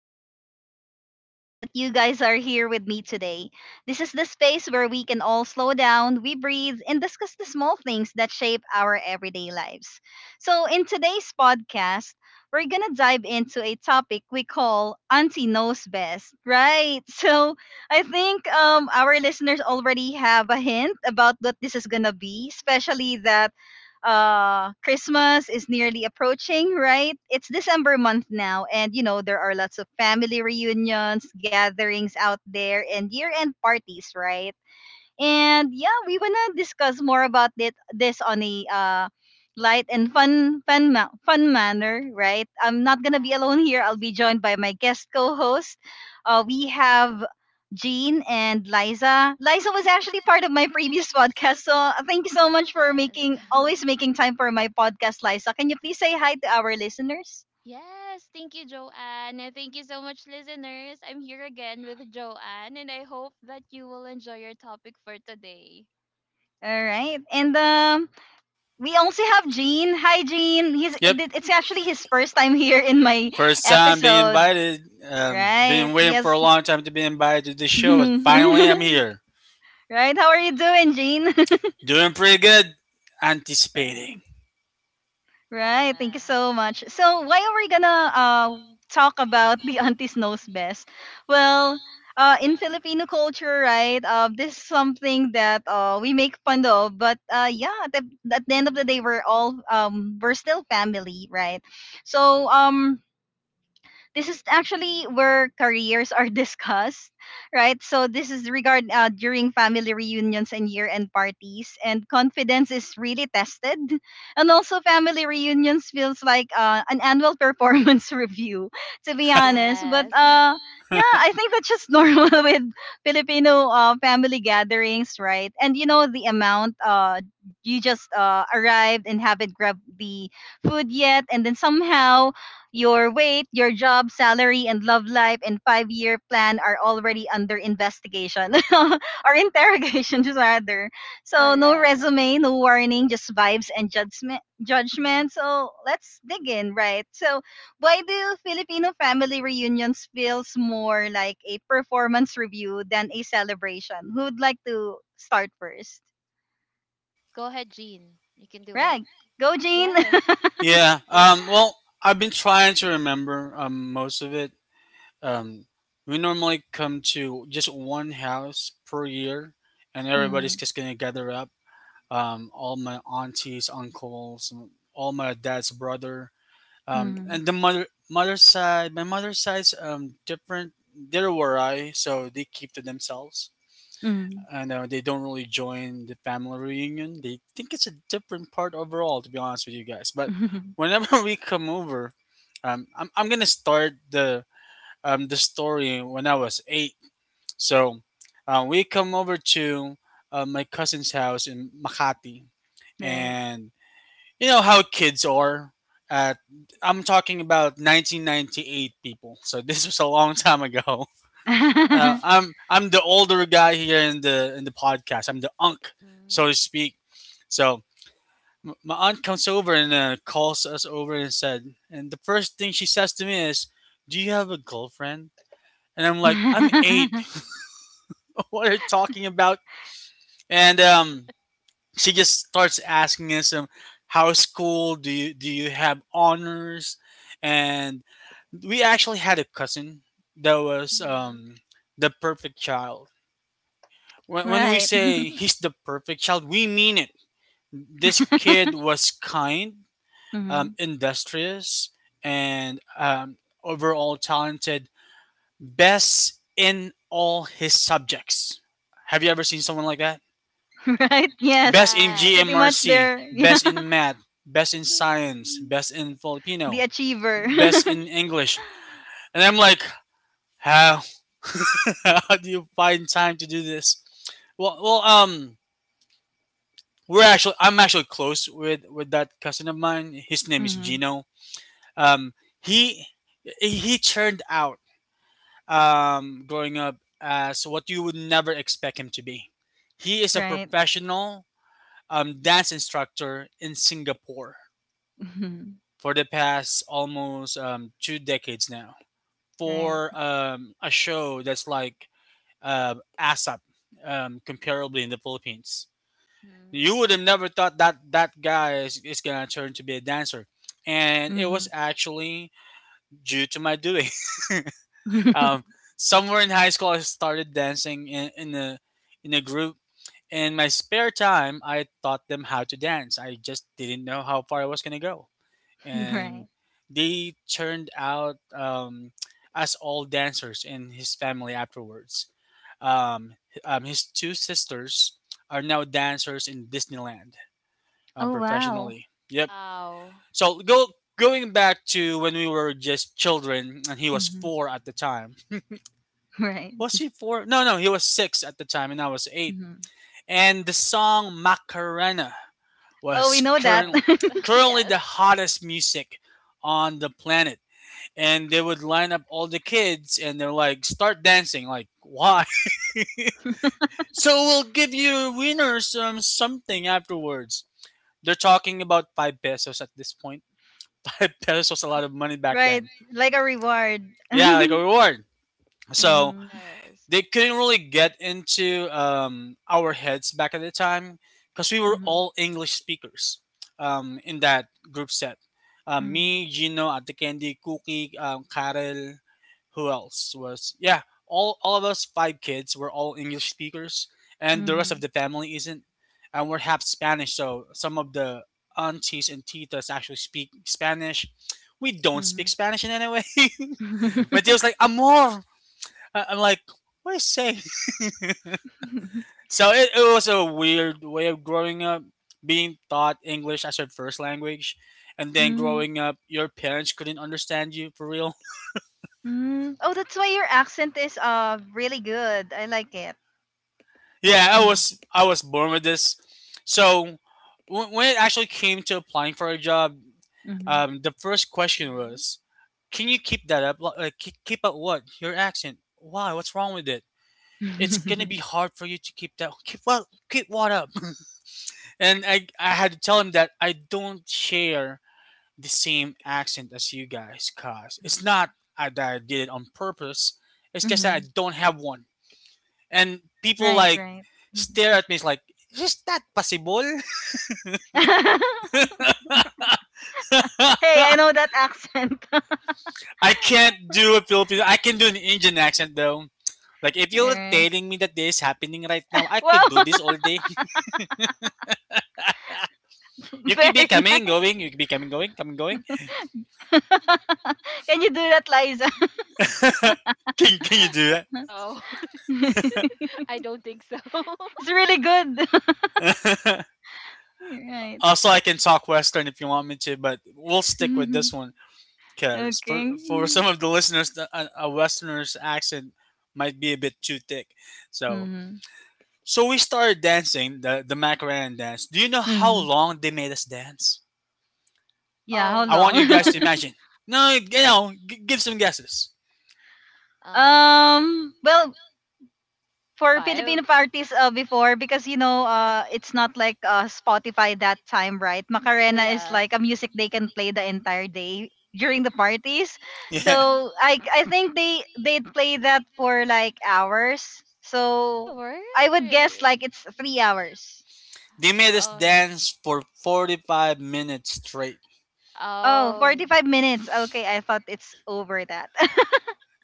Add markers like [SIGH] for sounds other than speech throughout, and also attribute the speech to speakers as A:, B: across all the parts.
A: host, Joanne, and I'm so happy that you guys are here with me today. This is the space where we can all slow down, we breathe, and discuss the small things that shape our everyday lives. So, in today's podcast, we're going to dive into a topic we call Auntie Knows Best, right? [LAUGHS] So, I think our listeners already have a hint about what this is going to be, especially that Christmas is nearly approaching, right? It's December month now and you know there are lots of family reunions, gatherings out there and year-end parties, right? And yeah, we wanna discuss more about it this on a light and fun manner, right? I'm not
B: Yeah.
A: gonna be alone here. I'll be joined by my guest co-host. We have Jean and Liza. Liza was actually part of my previous [LAUGHS] podcast, so thank you so much for
B: Yes.
A: making always
B: [LAUGHS]
A: making time for my podcast, Liza. Can you please say hi to our listeners?
B: yes. Thank you, Joanne. And thank you so much, listeners. I'm here again with Joanne, and I hope that you will enjoy your topic for today.
A: All right, and we also have Gene. Hi, Gene.
C: Yep.
A: It's actually his first time here in my
C: First time being
A: episode.
C: invited.
A: Right.
C: Been waiting for
A: Yes.
C: a long time to be invited to the
A: [LAUGHS]
C: show, but finally I'm
A: Right.
C: here.
A: How are you doing, Jean? [LAUGHS]
C: Doing pretty good.
A: Right.
C: Anticipating.
A: Right. Thank you so
B: Yes.
A: much. So, why are we gonna talk about the [LAUGHS] aunties knows best? Well, in Filipino culture, right? This is something that we make fun of, but yeah, at the end of the day,
B: Mm-hmm.
A: we're all we're still family, right? So this is actually where careers are [LAUGHS] discussed, right? So this is regard during family reunions and year-end parties, and confidence is really tested. And also, family reunions feels like an annual [LAUGHS] performance review, to be honest. But
B: Yes. [LAUGHS]
A: yeah, I think that's just normal [LAUGHS] with Filipino family gatherings, right? And you know the amount you just arrived and haven't grabbed the food yet, and then somehow your weight, your job, salary, and love life and 5-year plan are already under investigation [LAUGHS] or interrogation, just rather. So, no
B: Correct.
A: resume, no warning, just vibes and judgment. Judgment. So, let's dig in, right? So, why do Filipino family reunions feels more like a performance review than a celebration? Who would like to start first?
B: Go ahead, Jean. You can do it.
A: Right. Go, Jean.
B: Yes.
A: [LAUGHS]
C: Yeah. Well, I've been trying to remember most of it. Um, we normally come to just one house per year, and everybody's
A: Hmm.
C: just gonna gather up. All my aunties, uncles, all my dad's brother.
A: Hmm.
C: And the mother side, my mother's side's different. They're Warai, so they keep to themselves, and they don't really join the family reunion. They think it's a different part overall, to be honest with you guys. But
A: Hmm.
C: whenever [LAUGHS] we come over, I'm gonna start the the story when I was eight. So, we come over to my cousin's house in Makati,
A: [LAUGHS] Right.
C: and you know how kids are. Uh, I'm talking about 1998 people, so [LAUGHS] this was a long time ago. Uh,
A: [LAUGHS]
C: I'm I'm the older guy here in the podcast. I'm the unk, so
B: Mm-hmm.
C: to speak. So my aunt comes over and calls us over and said, and the first thing she says to me is, "Do you have a girlfriend?" And I'm like, "I'm eight.
A: [LAUGHS]
C: [LAUGHS] What are you talking about?" And she just starts asking us, "How's school? Do you have honors?" And we actually had a cousin that was
B: Mm-hmm.
C: the perfect child. When we
A: Right.
C: say he's the perfect child, we mean it. This kid
A: [LAUGHS]
C: was kind,
A: Hmm.
C: industrious, and overall talented, best in all his subjects. Have you ever seen someone like that?
A: [LAUGHS] Right. Yes.
C: Best in
A: Pretty
B: Yes.
A: much
C: GMRC,
A: there. [LAUGHS] Yeah.
C: best in math, best in science, best in
A: The
C: Filipino,
A: achiever.
C: best
A: [LAUGHS]
C: in English. And I'm like, how... [LAUGHS] How do you find time to do this? Well, well, we're actually I'm actually close with that cousin of mine. His name is
A: Hmm.
C: Gino. Um, he he turned out growing up as what you would never expect him to be. He is a
A: Right.
C: professional dance instructor in Singapore
A: Mhm.
C: for the past almost 2 decades now,
A: Right.
C: for a show that's like ASAP, comparably, in the Philippines.
B: Mm-hmm.
C: You would have never thought that that guy is gonna turn to be a dancer, and it was
A: Hmm.
C: actually due to my doing. [LAUGHS] um,
A: [LAUGHS]
C: Somewhere in high school, I started dancing in a group. In my spare time, I taught them how to dance. I just didn't know how far I was gonna go, and
A: Right.
C: they turned out, as all dancers in his family afterwards. Um, his two sisters are now dancers in Disneyland,
A: Oh, wow.
C: professionally. Yep.
B: Wow.
C: So go going back to when we were just children, and he was
A: Hmm.
C: four at the time.
A: [LAUGHS] Right.
C: Was he four? No, no, he was six at the time, and I was eight.
A: Hmm.
C: And the song Macarena
A: Oh, we
C: was
A: know that.
B: Yes.
A: [LAUGHS]
B: [LAUGHS]
C: currently
B: yes.
C: the hottest music on the planet. And they would line up all the kids, and they're like, "Start dancing!" Like, why? [LAUGHS] So we'll give you winners something afterwards. They're talking about 5 pesos at this point. [LAUGHS] Five pesos was a lot of money back
A: Right.
C: then.
A: Like a reward. [LAUGHS]
C: Yeah, like
A: Hmm.
C: a reward. So
B: Yes.
C: they couldn't really get into, our heads back at the time, because we were
A: Hmm.
C: all English speakers, in that group set.
A: Hmm.
C: Me, Gino, Ate Candy, Cookie, Karel, who else was? Yeah, all of us five kids were all English speakers, and the rest of
A: Hmm.
C: the family isn't. And we're half Spanish, so some of the aunties and titas actually speak Spanish. We don't speak
A: Hmm.
C: Spanish in any way. [LAUGHS] My dear was like, amor. I'm like, what are you saying? So it was a weird way of growing up, being taught English as your first language, and then
A: Hmm. [LAUGHS]
C: growing up, your parents couldn't understand you for real. [LAUGHS]
A: Mm. Oh, that's why your accent is really good. I like it.
C: Yeah, I was born with this. So when it actually came to applying for a job,
A: Mm-hmm.
C: the first question
B: Mm-hmm.
C: was, "Can you keep that up? Like, keep up what? Your accent? Why? What's wrong with it? It's gonna be
A: [LAUGHS]
C: hard for you to keep that. Keep what? Keep what up?" [LAUGHS] And I had to tell him that I don't share the same accent as you guys, cause it's
B: Mm-hmm.
C: not, that I did it on purpose. It's just that I
A: Hmm.
C: don't have one. And people
A: Right,
C: like
A: right. Mhm.
C: stare at me, it's like, is that possible?
A: [LAUGHS] Hey, I know that accent. [LAUGHS] All
C: [LAUGHS] I can't do a Filipino. I can do an Indian accent though. Like, if you're
A: right.
C: telling me that this is happening right now, I
A: Wow,
C: could do this all day. [LAUGHS]
A: [LAUGHS]
C: You could be
A: very
C: coming,
A: nice.
C: going. You could be coming, going, coming, going.
A: [LAUGHS] Can you do that, Liza?
C: [LAUGHS] Can you do
B: So [LAUGHS]
A: [LAUGHS]
B: I don't think so.
A: It's really good.
C: that?
A: [LAUGHS] Right.
C: [LAUGHS] Also, I can talk Western if you want me to, but we'll stick with
A: Mhm.
C: this one, because for
A: Okay.
C: some of the listeners, a Westerner's accent might be a bit too thick. So
A: Mm-hmm.
C: we started dancing the Macarena dance. Do you know how
A: Hmm.
C: long they made us dance?
B: [LAUGHS]
A: Yeah, how
B: oh,
C: I want you
A: long?
B: how
C: guys to
B: long?
C: imagine. No, you know, give some guesses. [LAUGHS]
A: [LAUGHS]
B: Um,
A: Well, for
B: five.
A: Filipino parties before because you know it's not like Spotify that time right
B: Oh
A: Macarena is
B: yeah.
A: like a music they can play the entire day during the parties
C: Yeah,
B: Mhm.
A: so I think they'd play that for like hours so
B: Hours
A: I would guess
B: really? [LAUGHS]
A: like it's 3 hours.
C: they made us
B: Oh yeah.
C: dance for 45 minutes straight.
A: Oh,
B: Oh
A: 45 minutes okay I thought it's over that.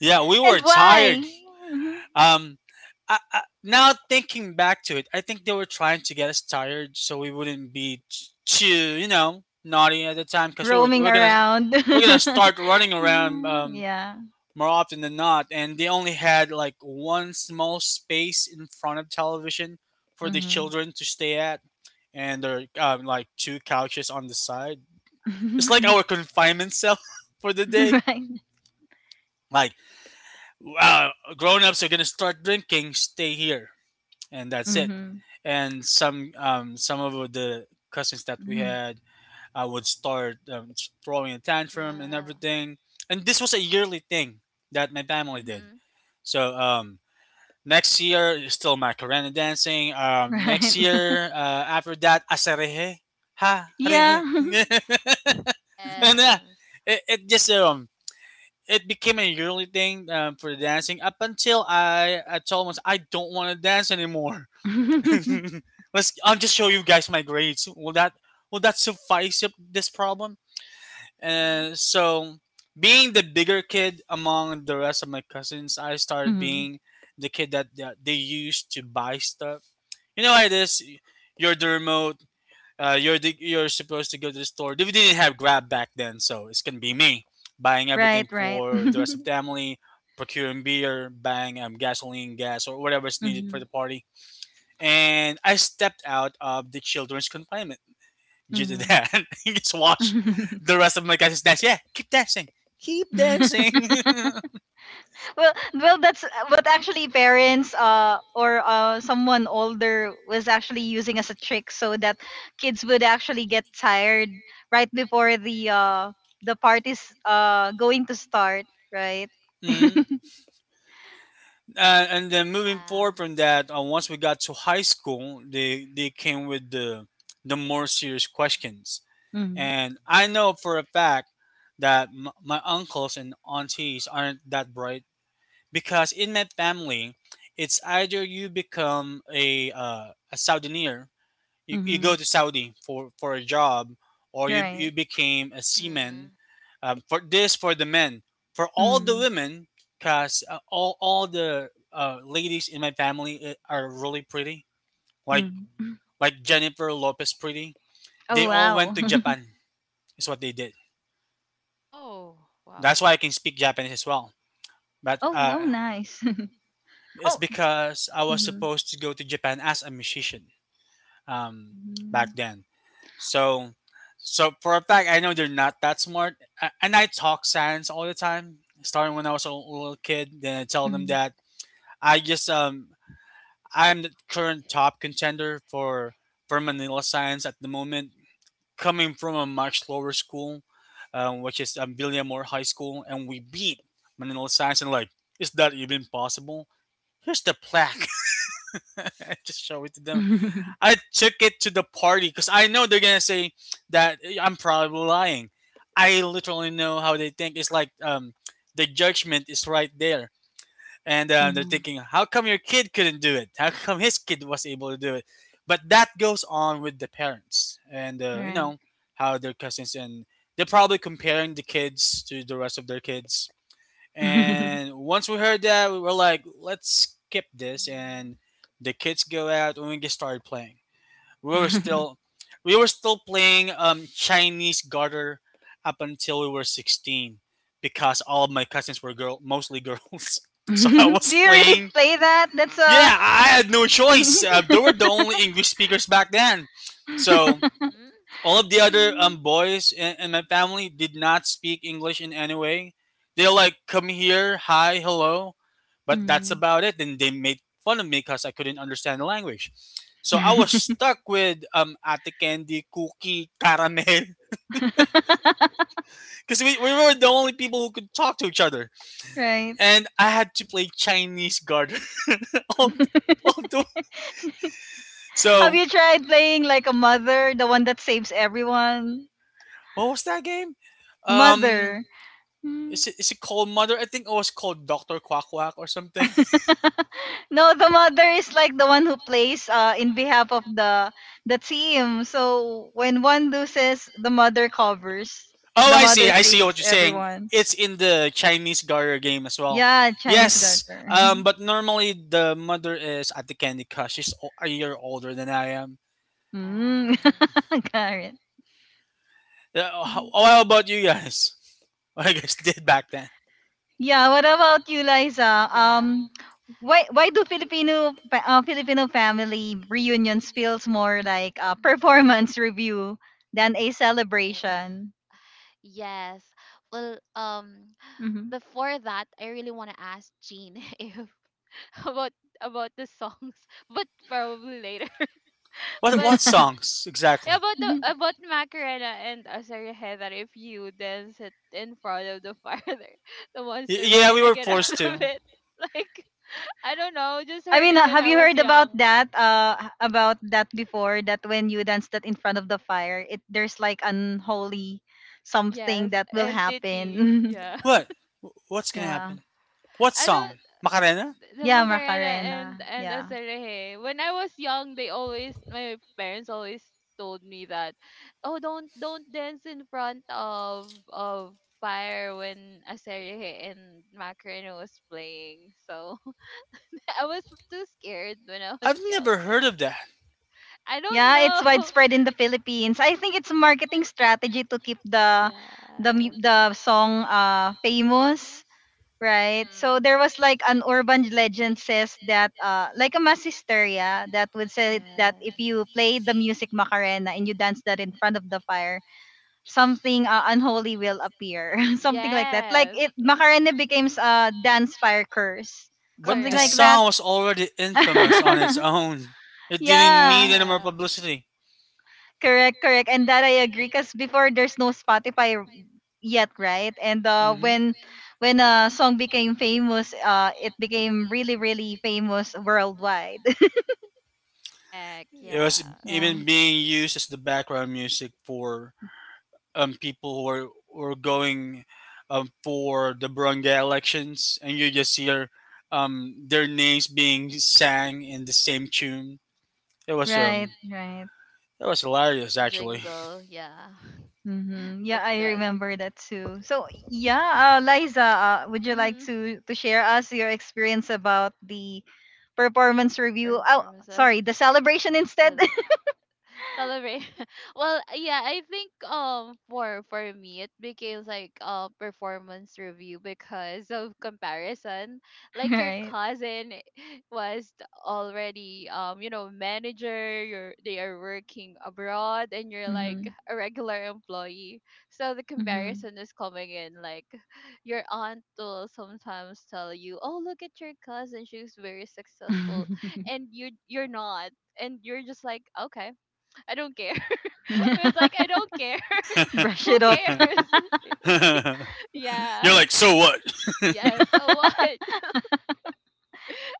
C: Yeah, we were
A: And why?
C: tired.
A: Mhm.
C: Um, now thinking back to it, I think they were trying to get us tired so we wouldn't be too, you know, naughty at the time, because we were, we
A: Roaming around.
C: we're gonna
A: [LAUGHS]
C: start running around,
A: Mhm, yeah.
C: more often than not, and they only had like one small space in front of television for the
A: Mm-hmm.
C: children to stay at, and there are, like two couches on the side. It's like our confinement cell [LAUGHS] for the day.
A: [LAUGHS]
C: Like, wow, grown ups are gonna start drinking. Stay here. And that's it.
A: Mhm.
C: And some of the cousins that we
A: Mhm. [LAUGHS]
C: had would start throwing a tantrum and
B: yeah.
C: everything. And this was a yearly thing that my family did.
B: Mhm.
C: So, next year is still Macarena dancing.
A: Right.
C: Next
A: [LAUGHS]
C: year, after that asarehe ha rehe.
A: Yeah.
C: [LAUGHS] And
B: Yes.
C: it, it just um it became a yearly thing, for the dancing, up until I told myself I don't want to dance anymore. [LAUGHS]
A: [LAUGHS]
C: Let's. I'll just show
B: Yeah.
C: you guys my grades. Will that suffice up this problem?
B: Mhm.
C: And so, being the bigger kid among the rest of my cousins, I started
A: Mhm.
C: being the kid that they used to buy stuff. You know how it is. You're the remote. You're supposed to go to the store. We didn't have Grab back then, so it's gonna be me buying everything
A: Right, right.
C: for the rest of
A: [LAUGHS]
C: the family, procuring beer, buying gasoline, gas, or whatever is needed for
A: Mhm.
C: the party, and I stepped out of the children's confinement due to
A: Mhm.
C: that. [LAUGHS] You just watch the rest of my guys dance. Yeah, keep dancing. Keep
A: [LAUGHS]
C: dancing. [LAUGHS]
A: Well, well, that's what actually parents or someone older was actually using as a trick so that kids would actually get tired right before the party's going to start, right?
C: Mm. And then moving
B: Yeah.
C: forward from that, once we got to high school, they came with the more serious questions.
A: Mhm.
C: And I know for a fact that my uncles and aunties aren't that bright, because in my family, it's either you become a Southernir, you go
A: Mhm.
C: to Saudi for a job, or you,
A: Right.
C: you became a seaman.
B: Mhm.
C: For this, for the men, for all the
A: Mhm.
C: women, cause all the ladies in my family are really pretty, like
A: Mhm.
C: Jennifer Lopez pretty. They
A: Oh,
C: all went
A: wow.
C: to
A: [LAUGHS]
C: Japan. Is what they did.
B: Oh wow.
C: That's why I can speak Japanese as well. But
A: Oh, wow, nice. [LAUGHS]
C: it's
A: Oh.
C: because I was
A: Mm-hmm.
C: supposed to go to Japan as a musician, um, back
A: Mhm.
C: then. So, for a fact, I know they're not that smart. And I talk science all the time, starting when I was a little kid. Then I tell them
A: Mhm.
C: that I just I'm the current top contender for Manila science at the moment, coming from a much lower school, which is, William High School, and we beat Manila science. And like, is that even possible? Here's the plaque. [LAUGHS] I just show it to them. I took it to the party because I know they're gonna say that, "Yeah, I'm probably lying." I literally know how they think. It's like, the judgment is right there, and they're
A: Mhm.
C: thinking, "How come your kid couldn't do it? How come his kid was able to do it?" But that goes on with the parents, and
A: [LAUGHS]
C: you
A: Right.
C: know how their cousins and they're probably comparing the kids to the rest of their kids. And once we heard that, we were like, "Let's skip this," and
B: Mhm.
C: the kids go out and we get started playing. we were still
A: [LAUGHS]
C: we were still playing Chinese garter up until we were 16, because all of my cousins were girl mostly girls. [LAUGHS]
A: Do
C: So I was
A: you really
C: playing.
A: play that? That's a.
C: Yeah, I had no choice.
A: [LAUGHS]
C: They were the only English speakers back then. So
B: Mhm.
C: all of the other
A: Mhm.
C: boys in my family did not speak English in any way. They're like, "Come here, hi, hello," but that's
A: Mhm.
C: about it. And they made fun of me because I couldn't understand the language. So I was stuck with Ate Candy, Cookie, Caramel,
A: [LAUGHS]
C: [LAUGHS] because we were the only people who could talk to each other.
A: Right.
C: And I had to play Chinese garter [LAUGHS] all, the- all the.
A: Have
C: So
A: you tried playing like a mother, the one that saves everyone?
C: what was that game? Um,
A: Mother. Mm.
C: is it called Mother? I think it was called Doctor Quack Quack or something.
A: [LAUGHS] No, the mother is like the one who plays in behalf of the team. So when one loses, the mother covers.
C: Oh,
A: The
C: I see.
A: mother
C: I see what
A: saves
C: you're saying.
A: everyone.
C: It's in the Chinese Gario game as well.
A: Yeah, Chinese
C: Yes,
A: garter. [LAUGHS]
C: but normally the mother is at the Candy Crush. She's a year older than I am.
A: Mm.
B: Yes.
A: [LAUGHS] Got it.
C: How about you guys? [LAUGHS] What you guys did back then?
A: Yeah, what about you, Liza?
B: Yeah.
A: Why do Filipino Filipino family reunions feels more like a
B: Mhm.
A: performance [LAUGHS] review than a
B: The-
A: celebration?
B: [LAUGHS] yes. Well,
A: Mhm.
B: before that, I really want to ask Jean [LAUGHS] if [LAUGHS] about about the songs, [LAUGHS] but probably later. [LAUGHS]
C: What
B: But
C: what
A: [LAUGHS]
C: songs
B: yeah,
C: exactly?
B: about the about Macarena and Azaria, that if you dance it in front of the fire, [LAUGHS] there, the
C: Y-
B: monster will
C: yeah, we
B: gonna
C: were
B: get out
C: forced
B: [LAUGHS] of
C: to.
B: it. Like I don't know, just
A: I
B: heard
A: mean,
B: it when
A: have
B: I
A: you
B: was
A: heard about
B: young.
A: that? About that before? That when you dance that in front of the fire, it there's like unholy something
B: Yes,
A: that will
B: entity.
A: happen.
B: Yeah. [LAUGHS]
C: What? What's
A: [LAUGHS]
C: gonna
A: Yeah.
C: happen? What
B: I don't.
C: song? Macarena?
B: The
A: Yeah,
B: Macarena
A: Macarena.
B: and
A: Yeah.
B: Asareje. When I was young, they always my parents always told me that, oh, don't dance in front of fire when Asareje and Macarena was playing. So [LAUGHS] I was too scared when I was
C: I've
B: young.
C: never
B: Like
C: heard of that.
B: I don't
A: Yeah, it's
B: know. [LAUGHS]
A: widespread in the Philippines. I think it's a marketing strategy to keep the
B: Yes.
A: song famous, right? So
B: Hmm.
A: there was like an urban legend says that like a mass hysteria that would say that if
B: Yes.
A: you play the music Macarena and you dance that in front of the fire, something unholy will appear. [LAUGHS] Something like that. Like
B: Yes.
A: it Macarena becomes a dance fire curse.
C: But
A: Something
C: the
A: like
B: Correct.
A: that.
C: song was already infamous on its
A: [LAUGHS]
C: own. It didn't need
A: Yeah.
C: any more
B: Yeah.
C: publicity.
A: Correct, correct. And that I agree because before there's no Spotify yet, right? And
C: Mm
A: uh,
C: hmm.
A: when when a song became famous, it became really, really famous worldwide.
B: Correct.
C: It was
A: [LAUGHS]
B: Yes.
A: Yeah,
C: even being used as the background music for people who are were going for the barangay elections, and you just hear their names being sang in the same tune. It was
A: right,
C: um
A: right.
C: it was hilarious
B: Like a
C: actually.
B: jingle. Yeah,
A: Mm-hmm.
B: [LAUGHS]
A: Yeah,
B: it's
A: I
B: good.
A: remember that too. So yeah, Liza, would you like
B: Mm-hmm.
A: to share us your experience about the performance review?
B: Or
A: Oh,
B: for myself,
A: sorry, the celebration instead.
B: cele- celebrate. [LAUGHS] Well, yeah, I think for me it became like a performance review because of comparison.
A: [LAUGHS]
B: Like your
A: Right.
B: cousin [LAUGHS] was already you know manager. You're they are working abroad and you're like
A: Mm-hmm.
B: a regular employee. So the
A: Mm-hmm.
B: comparison is coming in like your aunt will sometimes tell you, "Oh, look at your cousin; she's very successful," and you you're not, and you're just like, "Okay, I don't care." [LAUGHS] It's like I
A: [LAUGHS]
B: don't care.
A: [LAUGHS]
B: [LAUGHS]
A: Brush
B: Who
A: it off.
B: cares? [LAUGHS]
C: [LAUGHS]
B: Like,
C: You're
B: yeah,
C: like, so what?
B: yeah. So
A: [LAUGHS]
B: what? [LAUGHS]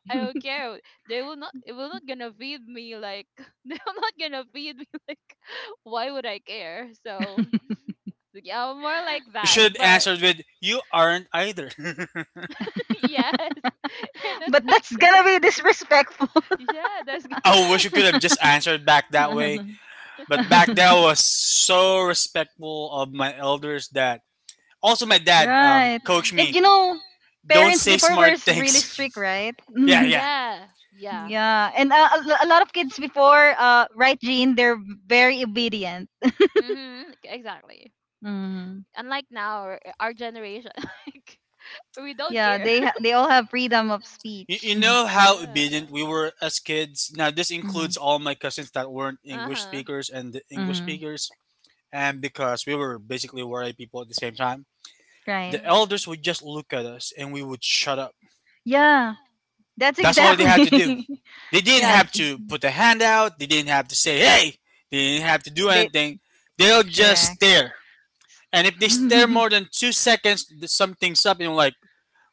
B: I don't care. They will not. It will not gonna feed me. Like [LAUGHS] they will not gonna feed me. [LAUGHS] Like why would I care? So like, yeah, more like
C: You
B: that.
C: should have
B: But
C: answered with, you aren't either. [LAUGHS]
B: [LAUGHS] yes, [LAUGHS] you're not
A: But that's
B: success.
A: gonna be disrespectful.
B: Yeah, that's.
C: I wish you could have just answered back that way.
A: [LAUGHS]
C: But back then I was so respectful of my elders that also my dad
A: Right.
C: coached
A: And
C: me,
A: you
B: Mm-hmm.
A: know,
C: "Don't
A: parents
C: say
A: before were
C: smart
A: really
C: things."
A: strict, right?
C: [LAUGHS] Yeah, yeah.
B: Yeah,
A: [LAUGHS]
B: yeah.
A: Yeah. And a lot of kids before, right, Jean, they're very obedient.
B: Mm-hmm. Like, exactly.
A: Mm.
B: Unlike now, our our generation, [LAUGHS] like we don't
A: Yeah,
B: care.
A: they
B: [LAUGHS]
A: they all have freedom of
C: You,
A: speech.
C: you
A: [LAUGHS]
C: know how
B: Yeah.
C: obedient we were as kids. Now, this includes
A: Hmm.
C: all my cousins that weren't
B: Uh
C: English
B: huh.
C: speakers and the English
A: Hmm.
C: speakers. And because we were basically worried people at the same time,
A: Right.
C: the
B: Mhm.
C: elders would just look at us and we would shut up.
A: Yeah, that's
C: That's all they had to do.
A: exactly. [LAUGHS]
C: They didn't
A: Yeah,
C: have to put a hand out, they didn't have to say, hey, they didn't have to do
A: they
C: anything. They'll just
A: correct.
C: stare. And if they
B: Mhm.
C: stare more than 2 seconds, something's up and you're like,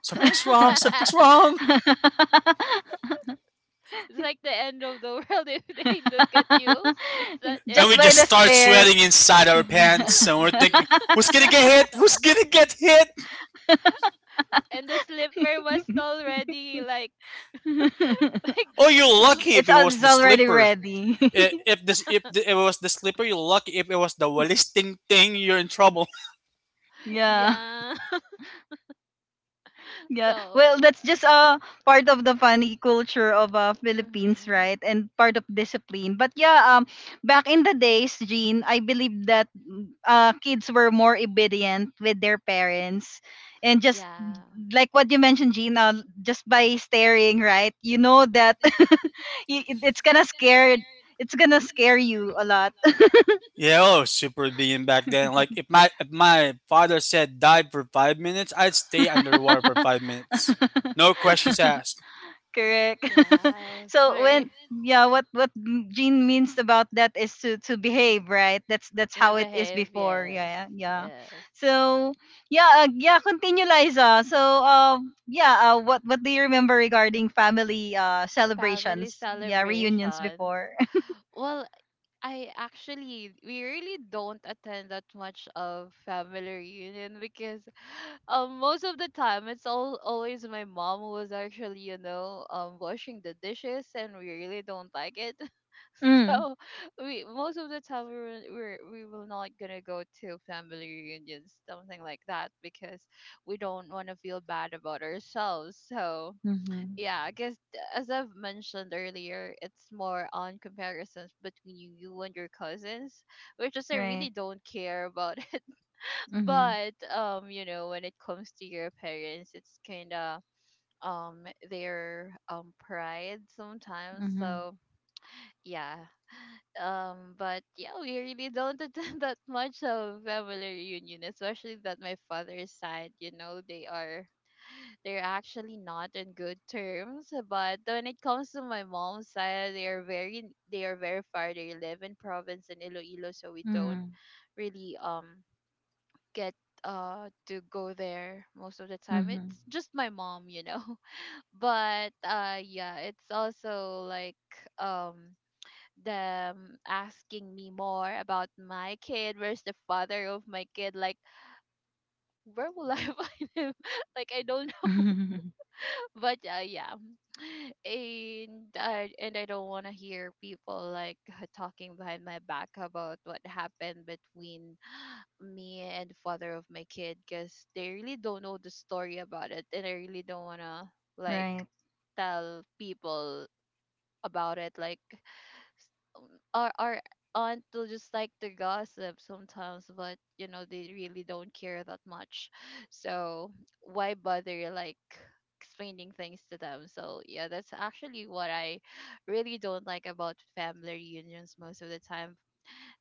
C: something's
B: [LAUGHS]
C: wrong, something's
A: [LAUGHS]
C: wrong.
B: It's like the end of the [LAUGHS] world if they look at you. [LAUGHS] Is that
A: [LAUGHS]
C: And
A: Just
C: we
B: it?
A: by
C: just
A: the
C: start
A: stare.
C: sweating inside our
A: [LAUGHS]
C: pants, and we're
B: [LAUGHS] Yeah.
C: thinking, who's gonna get hit? Who's gonna get hit?
B: And the slipper was already like [LAUGHS]
A: it's,
B: like
C: Oh, you're lucky if it was
A: it's
C: the
A: already
C: slipper.
A: ready.
C: If it was the slipper, you're lucky. If it was the wallisting thing, you're in trouble.
A: [LAUGHS] Yeah.
B: yeah. [LAUGHS]
A: Yeah,
B: So
A: well, that's just
B: yeah.
A: part of the funny culture of Philippines,
B: Mhm.
A: right? And part of discipline. But yeah, back in the days, Jean, I believe that kids were more obedient with their parents, and just
B: Yeah.
A: like what you mentioned, Jean, just by staring, right? You know that [LAUGHS] y- it- it's gonna scare, it's gonna scare you a lot.
C: [LAUGHS] Yeah, oh, super being back then. Like if my father said dive for 5 minutes, I'd stay underwater for 5 minutes.
A: [LAUGHS]
C: No questions asked.
A: Correct. [LAUGHS]
B: Yes.
A: So
B: For
A: when yeah what Jean means about that is to behave, right? That's
B: yeah,
A: how it is
B: behave.
A: before,
B: Yes.
A: yeah, yeah.
B: Yes.
A: So yeah yeah, continue, Liza. So what do you remember regarding family
B: Family
A: celebrations, yeah, reunions
B: celebrations.
A: before?
B: Well, I actually we really don't attend that much of family reunion because most of the time it's all always my mom who was actually you know washing the dishes and we really don't like it
A: [LAUGHS]
B: [LAUGHS]
A: Mm.
B: so we most of the time we were, we're we will not gonna go to family reunions something like that because we don't want to feel bad about ourselves, so
A: Mm-hmm.
B: yeah, I guess th- as I've mentioned earlier, it's more on comparisons between you, you and your cousins, which is I
A: Right.
B: really don't care about it. [LAUGHS]
A: Mm-hmm.
B: But you know, when it comes to your parents, it's kind of um their pride sometimes.
A: Mm-hmm.
B: So yeah. But yeah, we really don't attend [LAUGHS] that much of family reunion, especially that my father's side, you know, they are they're actually not in good terms. But when it comes to my mom's side, they are very far. They live in province in Iloilo, so we don't
A: Mm-hmm.
B: really get to go there most of the time. It's just my mom, you know. [LAUGHS] But yeah, it's also like um them asking me more about my kid, where's the father of my kid, like where will I [LAUGHS] find him, like I don't.
A: Mm-hmm.
B: But yeah, [LAUGHS] and I don't want to hear people like [LAUGHS] talking behind my back about what happened between me and the father of my kid, because they really don't know the story about it, and I really don't want to
A: [LAUGHS]
B: like
A: Right.
B: tell people about it, like um, our aunt will just like to gossip sometimes, but you know they really don't care that much. [LAUGHS] So why bother like explaining things to them? So yeah, that's actually what I really don't like about family reunions most of the time.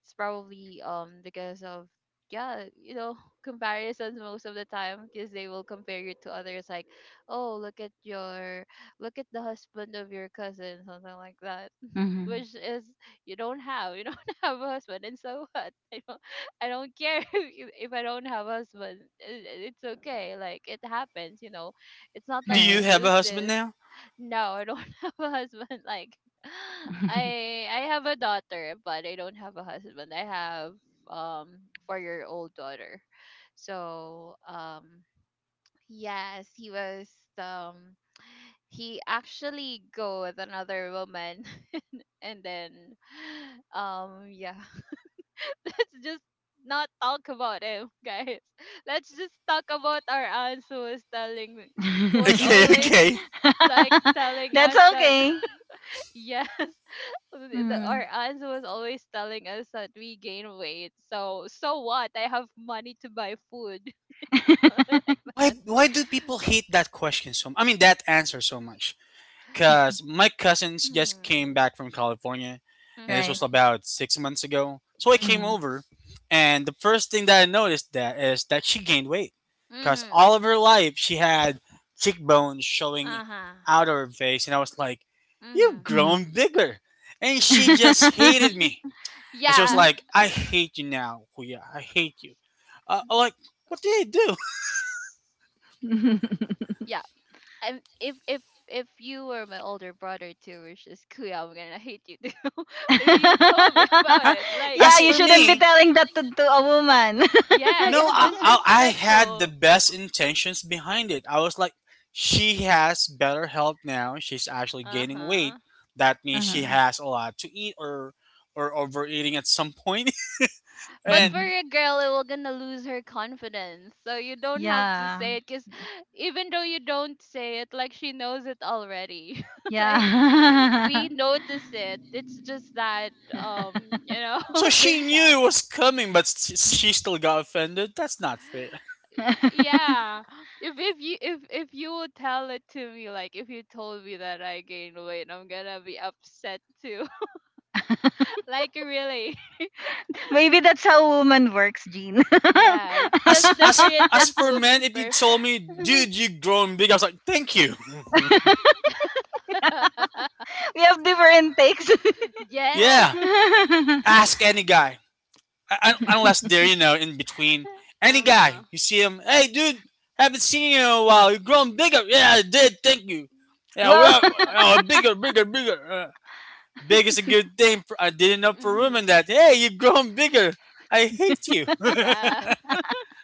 B: It's probably because of yeah you know [LAUGHS] comparisons most of the time, because they will compare you to others, like oh look at your look at the husband of your cousin something like that,
A: Mm-hmm.
B: which is you don't have you don't [LAUGHS] have a husband, and so what? I don't, I don't care. [LAUGHS] If, you- if I don't have a husband, it, it's okay, like it happens you know. It's not
C: Do
B: like I
C: you
A: Right.
C: have a
B: choose
C: husband
B: this.
C: now?
B: No, I don't [LAUGHS] have a husband, like [GASPS] [LAUGHS] I have a daughter but I don't have a husband. I have um 4 year old daughter. So yes, he was um he actually go with another woman, and then [GASPS] [SIGHS] yeah. [LAUGHS] Let's just not talk about him, guys. [LAUGHS] Let's just talk about our aunts who was telling me- who was
C: Okay, [LAUGHS]
B: always
C: okay.
B: like
A: [LAUGHS] [LAUGHS]
B: telling
A: That's
B: us that.
A: okay.
B: [LAUGHS] Yes, the-
A: Mm.
B: our aunts was always telling us that we gain weight. So so what, I have money to buy food. [LAUGHS] Something
A: [LAUGHS]
B: like
C: Why
B: that.
C: why do people hate that question so? I mean that answer so much? Cause my cousins just came
B: Mhm.
C: back from California, and this
A: Right.
C: was
B: Mhm.
C: about 6 months ago. So I came
A: Mm.
B: Mhm.
C: over, and the first thing that I noticed that is that she gained weight, cause
B: Mhm.
C: all of her life she had cheekbones showing
B: Uh-huh.
C: out of her face, and I was like, "You've
B: Mhm.
A: Mm.
C: grown bigger," and she just
A: [LAUGHS]
C: hated me, and she was
B: Yeah.
C: like, "I hate you now, Kuya. I hate you." I'm like, what did I do?
B: Yeah. I'm if you were my older brother too, which is Kuya, I'm gonna hate you too. [LAUGHS] If you told me [LAUGHS]
C: [LAUGHS]
B: about
C: A-
B: it,
A: [LAUGHS]
B: like,
A: Yeah,
C: As
A: you
C: for
A: shouldn't
B: [LAUGHS]
A: be
C: me.
A: telling that to a woman.
C: [LAUGHS]
B: yeah,
A: [LAUGHS]
C: No,
B: it's
C: I had the
B: disrespectful.
C: best intentions behind it. I was like, she has better health now. She's actually
B: Uh
C: gaining weight.
B: huh.
C: That means she
A: Uh-huh.
C: has a lot to eat, or overeating at some point. [LAUGHS]
B: But
C: And
B: for
A: [LAUGHS]
B: a girl, it will gonna lose her confidence. So you don't have to
A: Yeah.
B: say it, cause even though you don't say it, like she knows it already. [LAUGHS] Like
A: Yeah.
B: we notice it. It's just that you know,
C: so
B: [LAUGHS]
C: she
B: things
C: knew it
B: happen.
C: was coming, but she still got offended. That's not fair.
B: Y-
A: [LAUGHS]
B: yeah, if you would tell it to me, like if you told me that I gained weight I'm gonna be upset too. [LAUGHS] Like really.
A: Maybe that's how
B: [LAUGHS]
A: woman works, Jean.
B: Yeah,
A: [LAUGHS]
B: it's
C: As
B: just
C: as
B: different
C: as
B: and
C: for men,
B: movements
C: if you told
B: perfect.
C: me, dude, you grown big, I was like, thank you. [LAUGHS]
A: We have different takes.
B: Yeah.
C: Yeah,
B: [LAUGHS]
A: [LAUGHS]
C: ask any guy. Unless they're in between. Any
B: Uh-huh.
C: guy you see him, hey dude, haven't seen you in a while. You're growing bigger. Yeah, I did. Thank you. Yeah,
A: Wow.
C: well, oh, bigger, bigger, bigger. Big is a good thing. For, I didn't know for women
B: Hmm.
C: that. Hey, you're growing bigger. I hate you. [LAUGHS]
B: Yeah.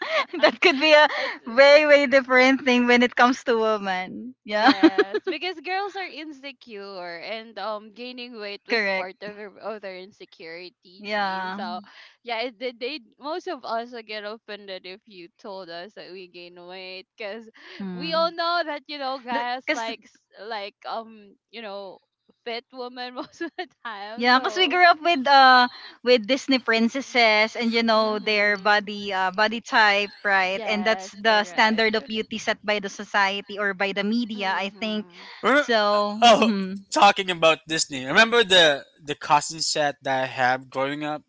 A: [LAUGHS] That could be a
B: [LAUGHS] It's
A: way, way different thing when it comes to women. Yeah,
B: Yes,
A: [LAUGHS]
B: because girls are insecure and gaining weight was
A: correct.
B: part of their other insecurity, Gene.
A: Yeah.
B: So yeah, it, they most of us would get offended if you told us that we gain weight, because we all
A: Hmm.
B: know that you know guys
A: Cause
B: like s- like you know fit women [LAUGHS] most of the time.
A: yeah, cause we
B: So
A: grew up with with Disney princesses and you know their
B: mm-hmm.
A: body type, right? And that's
B: Yes,
A: the standard
B: correct.
A: of beauty set by the society or by the media, I think.
B: Mm-hmm.
C: Remem-
A: So,
C: oh,
A: mm-hmm,
C: talking about Disney. Remember the costume set that I had growing up?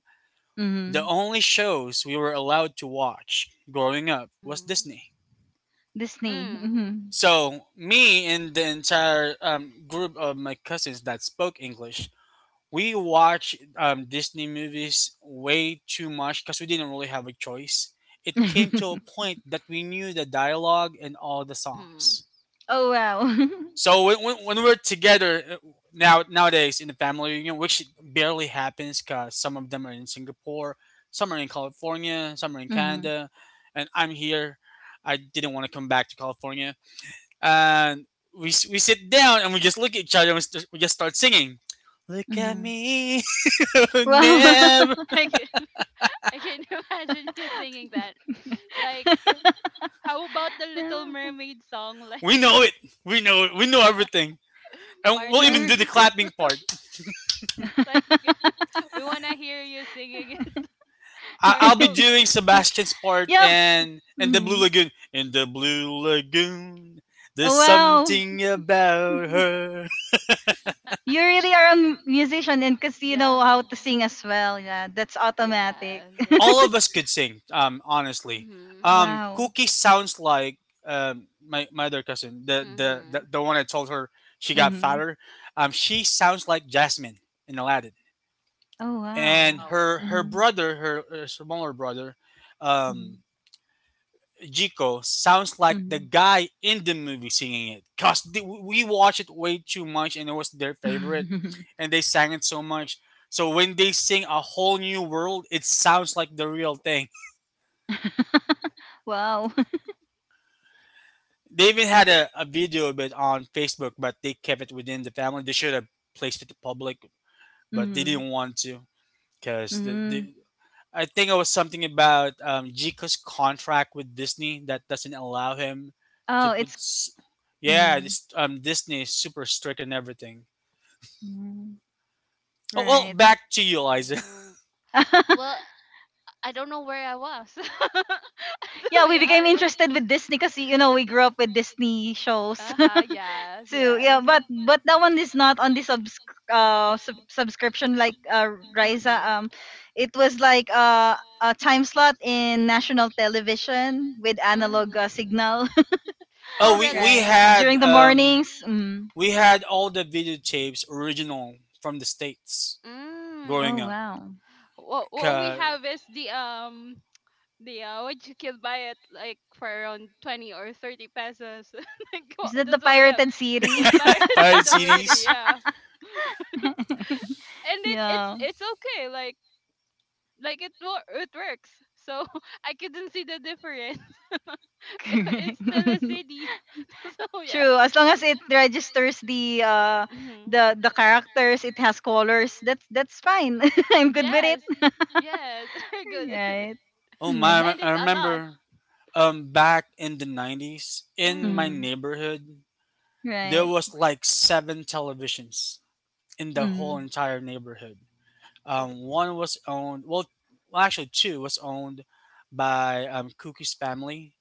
C: The
A: mm-hmm.
C: only shows we were allowed to watch growing up was
B: Mm-hmm.
C: Disney.
A: Disney.
B: Mm-hmm.
A: Mm-hmm.
C: So me and the entire group of my cousins that spoke English, we watch Disney movies way too much because we didn't really have a choice. It came to a point that we knew the dialogue and all the songs.
B: Mm-hmm.
A: [LAUGHS] Oh, wow. [LAUGHS]
C: So when we're together now nowadays in the family reunion, which barely happens because some of them are in Singapore, some are in California, some are in
A: Mm-hmm,
C: Canada, and I'm here. I didn't want to come back to California, and we sit down and we, just look at each other and we just start singing. Look at
A: mm-hmm.
C: me, [LAUGHS]
A: Wow.
C: never.
B: [LAUGHS] I can [LAUGHS] imagine you singing that. Like, how about the Little
A: [LAUGHS] [LAUGHS]
B: Mermaid song?
C: We
B: Like,
C: know it. We know it. We know everything,
B: [LAUGHS]
C: and
B: part
C: we'll
B: of
C: even
A: Er.
C: do the
B: your.
C: clapping
B: [LAUGHS]
C: part.
B: Like,
A: [LAUGHS]
B: [LAUGHS] we want to hear you singing it. [LAUGHS]
C: I-
B: Part
C: I'll be
B: of
C: doing
B: your.
C: Sebastian's part
A: Yep.
C: and the Blue
A: Mhm.
C: Lagoon. In the Blue Lagoon,
A: Oh,
C: there's
A: wow.
C: something about
A: [LAUGHS]
C: her.
A: You really are a musician and because you know
B: Yeah.
A: how to sing as well. Yeah, that's automatic.
B: Yes.
A: [LAUGHS]
C: All of us could sing. Um, honestly,
B: Mm-hmm.
C: um,
A: Wow.
C: Cookie sounds like my other cousin, the the
B: Mm-hmm.
C: the, the one I told her she got
A: Mm-hmm.
C: fatter. She sounds like Jasmine in Aladdin,
A: Oh,
C: and
A: wow.
B: Wow.
C: her
A: Mm-hmm.
C: brother, her smaller brother,
A: Mm-hmm.
C: um, Jiko sounds like the guy in the movie singing it. Cause we watched it way too much, and it was their favorite,
A: Mm-hmm.
C: and they sang it so much. So when they sing A Whole New World, it sounds like the real thing.
A: [LAUGHS] Wow. [LAUGHS]
C: They even had a video of it on Facebook, but they kept it within the family. They should have placed it to public, but they
A: Mm-hmm.
C: didn't want to, because
A: Mm-hmm.
C: the I think it was something about Jika's contract with Disney that doesn't allow him to
A: Oh,
C: put.
A: it's.
C: s- Yeah,
A: Mm-hmm.
C: this, Disney is super strict and everything.
A: Mm-hmm.
C: Oh well,
A: Right.
C: back to you, Eliza.
B: Oh.
A: [LAUGHS]
B: Well, I don't know where I was. [LAUGHS] To
A: Yeah, we
B: be
A: became
B: honest.
A: interested with Disney because, you know, we grew up with Disney shows
B: Uh-huh. Yes.
A: too. Yeah,
B: Yes.
A: but that one is not on the subscription like Riza.
B: Mm-hmm.
A: It was like a time slot in national television with analog
B: Mm-hmm.
A: signal,
C: [LAUGHS]
B: Oh,
C: oh,
A: [LAUGHS]
C: we we
A: right?
B: really?
C: had
A: During the
C: um,
A: mornings. Mm.
C: we had all the videotapes original from the states
A: Oh
C: growing
B: Mm.
C: up.
A: wow,
B: What we
C: Ca-
B: have is the what you can buy it like for around 20 or 30 pesos. [LAUGHS] Like what,
A: is that the
B: that's all yeah.
A: pirated
B: The
A: series?
C: Pirate
B: pirated already,
C: CDs.
B: yeah.
A: [LAUGHS]
B: And it
A: Yeah,
B: it's okay, like it wo- it works. So [LAUGHS] I couldn't see the difference. [LAUGHS]
A: correct.
B: It's still a
A: [LAUGHS]
B: city. [LAUGHS] So yeah.
A: True. As long as it registers
B: Hmm.
A: the characters, it has colors. That's fine. [LAUGHS] I'm good with it.
B: Yes.
A: [LAUGHS]
B: Yes. [LAUGHS] Very good. At it.
A: Right.
C: Oh
A: Mm.
C: my!
B: And
C: I
B: it's a lot.
C: remember back in the 90s in my
B: Hmm.
A: Mm.
C: neighborhood there
A: Right.
C: was like seven televisions in the whole
A: Mhm.
C: entire neighborhood.
B: Wow.
C: One was owned well, actually two was owned by Cookie's family,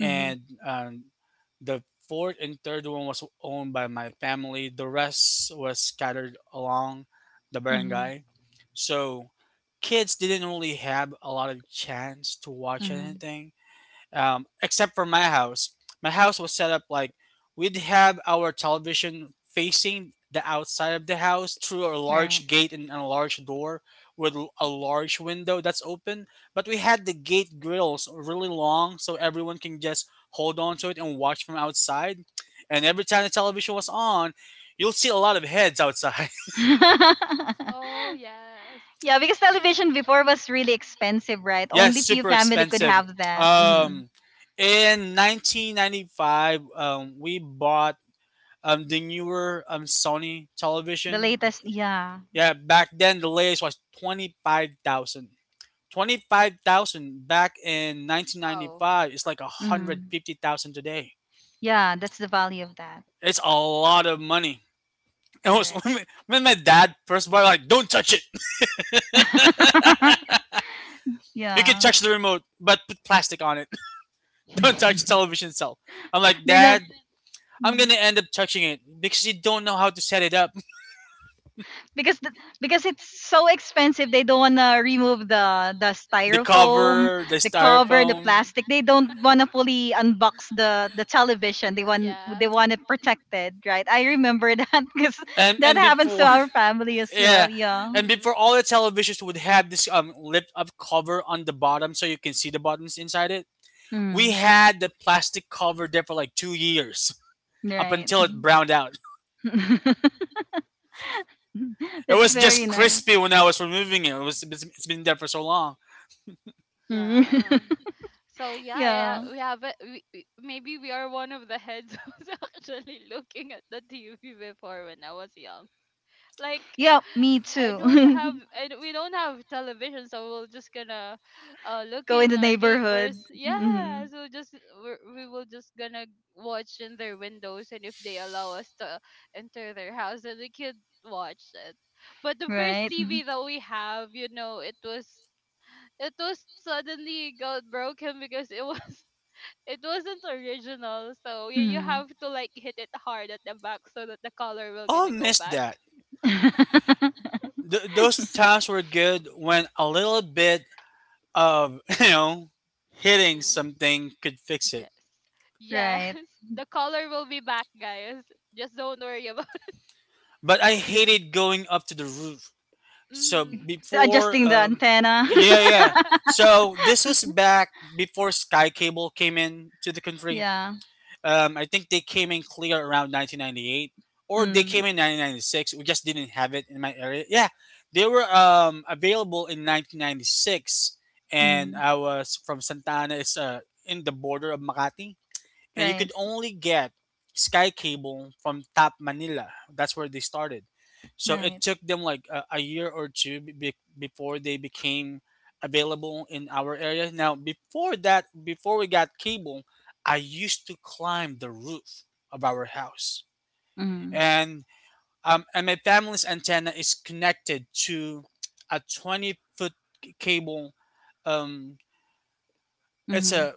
A: Mhm.
C: the fourth and third one was owned by my family. The rest was scattered along the
A: Mhm.
C: barangay. So kids didn't really have a lot of chance to watch
A: Mhm.
C: anything, except for my house. My house was set up like we'd have our television facing the outside of the house through a
A: Right.
C: large gate and a large door with a large window that's open. But we had the gate grills really long so everyone can just hold on to it and watch from outside. And every time the television was on, you'll see a lot of heads outside.
A: [LAUGHS]
B: Oh yes.
A: Yeah, because television before was really expensive, right?
C: [LAUGHS] Yes,
A: Only few
C: super
A: family could
C: expensive.
A: have that. Mhm.
C: Um, in 1995, we bought the newer Sony
A: The
C: television.
A: latest, yeah.
C: Yeah, back then the latest was 25,000. 25,000 back in
B: Wow.
C: 1995 is like
A: Mhm.
C: 150,000 today.
A: Yeah, that's the value of that.
C: It's a lot of money. It was,
A: Correct.
C: [LAUGHS] when my dad first bought it, like, don't touch it. [LAUGHS]
A: [LAUGHS]
C: You can
A: Yeah.
C: touch the remote, but put plastic on it. [LAUGHS] Don't touch the
A: [LAUGHS]
C: television itself. I'm like,
A: They're not.
C: "Dad, I'm going to end up touching it because you don't know how to set it up."
A: Because because it's so expensive they don't want to remove the
C: The
A: styrofoam,
C: cover, the
A: the cover,
B: Yes.
A: the
C: styrofoam. [LAUGHS]
A: plastic, they don't want to fully unbox the television, they
B: Yeah.
A: want it protected, right? I remember [LAUGHS] that, because
C: And
A: that
C: and
A: happens to
C: before.
A: our family
C: [LAUGHS]
A: as
C: Yeah.
A: well, yeah.
C: And
B: Mm-hmm.
C: before, all the televisions would have this lift up cover on the bottom so you can see the buttons inside it. We
A: Mm,
C: had the plastic cover there for like 2 years [LAUGHS] up
A: right.
C: until it browned out.
A: [LAUGHS]
C: It
A: That's
C: was
B: Yeah,
A: very
C: just
B: that's,
A: nice.
C: crispy when I was removing it. It was it's been there for so long.
A: Mm.
B: yeah.
A: [LAUGHS]
B: So yeah, yeah,
A: Yeah,
B: we have a, we- maybe we are one of the heads [LAUGHS] who's actually looking at the TV before when I was young. Like
A: yeah, me
B: I don't have
A: too.
B: I, don't- we don't have television, so we're just gonna
A: [LAUGHS]
B: look
A: Go in
B: in
A: the
B: our neighbors.
A: neighborhood.
B: Yeah,
A: Mhm.
B: so just we're, we will just gonna watch in their windows, and if they allow us to enter their house, then we could watch it. But the first
A: Right.
B: TV that we have, you know, it was suddenly got broken because it was [LAUGHS] it wasn't original. So you
A: Mhm.
B: have to like hit it hard at the back so that the color will
C: Oh, I
B: gonna go
C: missed
B: back.
C: that.
A: [LAUGHS]
C: Those times were good when a little bit of [LAUGHS] hitting
B: Mm-hmm.
C: something could fix
B: Yes.
C: it.
B: Yes.
A: Right.
B: [LAUGHS] The color will be back, guys. Just don't worry about
C: But I
A: Just
C: hated going up to the roof.
B: [LAUGHS]
C: So
B: Mm-hmm.
C: before,
A: adjusting the antenna.
B: Yeah.
C: yeah,
A: [LAUGHS]
C: yeah.
B: [LAUGHS]
C: So this was back before Sky Cable came in to the country.
A: Yeah.
C: I think they came in clear around 1998, or they came
A: Mm.
C: in 1996. We just didn't have it in my area. Yeah, they were available in 1996, and
A: Mm.
C: I was from Santana. It's in the border of Makati. And you
A: Right.
C: could only get Sky Cable from Tap Manila. That's where they started. So
A: Right.
C: it took them like a year or two before they became available in our area. Now, before that, before we got cable, I used to climb the roof of our house,
A: Mm.
C: and my family's antenna is connected to a 20 foot cable. Um, it's
A: Mm.
C: a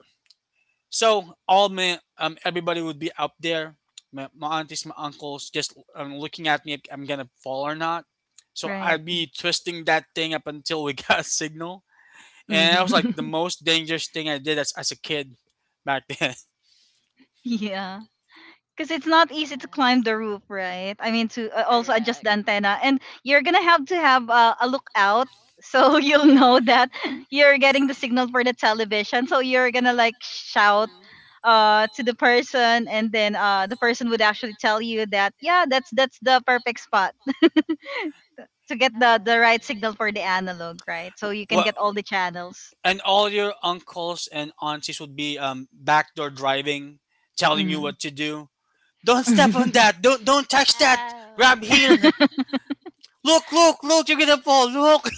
C: So all my everybody would be up there, my aunties, my uncles, just looking at me if I'm gonna fall or not. So
A: Right.
C: I'd be twisting that thing up until we [LAUGHS] got a signal, and that was like the
A: Mm.
C: most dangerous thing I did as a kid back then.
A: [LAUGHS] Yeah. Because it's not easy to climb
B: Yes.
A: the roof, right? I mean, to also adjust the
B: Correct.
A: antenna, and you're gonna have to have a lookout, so [LAUGHS] you'll know that you're getting the signal for the television. So you're gonna like shout
B: Mm-hmm.
A: to the person, and then the person would actually tell you that yeah, that's the perfect spot to get the right
B: Yes.
A: signal for the analog, right? So you
C: [LAUGHS]
A: can
C: What?
A: get all the channels.
C: And all your uncles and aunties would be backdoor driving, telling you
A: Mm-hmm.
C: what to do. Don't step on
A: [LAUGHS]
C: that. Don't touch that. Grab here.
B: Yes.
C: [LAUGHS] Look, look, look. You're gonna fall. Look.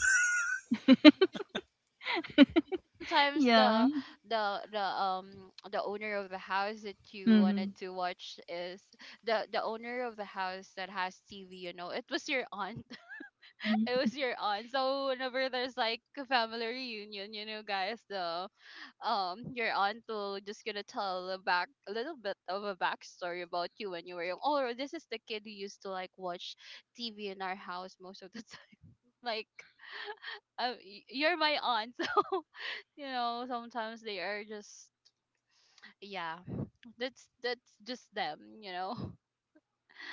B: Sometimes
A: Yeah.
B: the [TSK] the owner of the house that you
A: Mm-hmm.
B: wanted to watch is the owner of the house that has TV, it was your aunt. [LAUGHS] It
A: Mm-hmm.
B: was your aunt. So whenever there's like a family reunion, you know guys the your aunt will just gonna tell a back a little bit of a backstory about you when you were young. Oh, this is the kid who used to like watch TV in our house most of the [LAUGHS] time. Like y- you're my aunt. [LAUGHS] So sometimes they are just yeah, that's just them,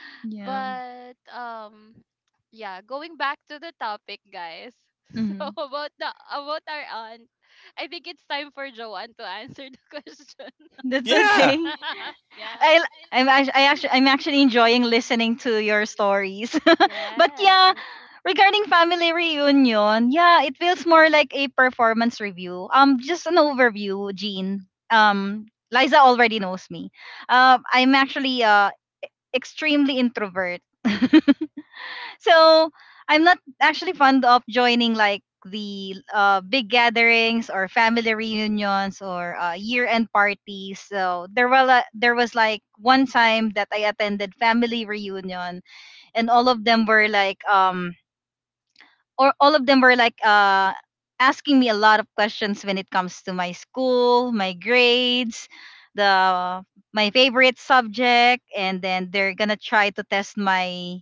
B: [LAUGHS]
A: Yeah.
B: But yeah, going back to the topic guys. [LAUGHS] So
A: Mm-hmm.
B: about the about our aunt, I think it's time for Joanne to answer the [LAUGHS] question.
A: That's
C: [LAUGHS] Yeah.
A: okay.
B: [LAUGHS] Yeah.
A: I I actually I'm actually enjoying listening to your stories. [LAUGHS] But yeah,
B: Yes.
A: regarding family reunion, yeah, it feels more like a performance review. Just an overview, Jean. Liza already knows me. I'm actually extremely introvert. [LAUGHS] So I'm not actually fond of joining like the big gatherings or family reunions or year-end parties. So there was like one time that I attended family reunion, and all of them were like or all of them were like asking me a lot of questions when it comes to my school, my grades, the my favorite subject, and then they're gonna try to test my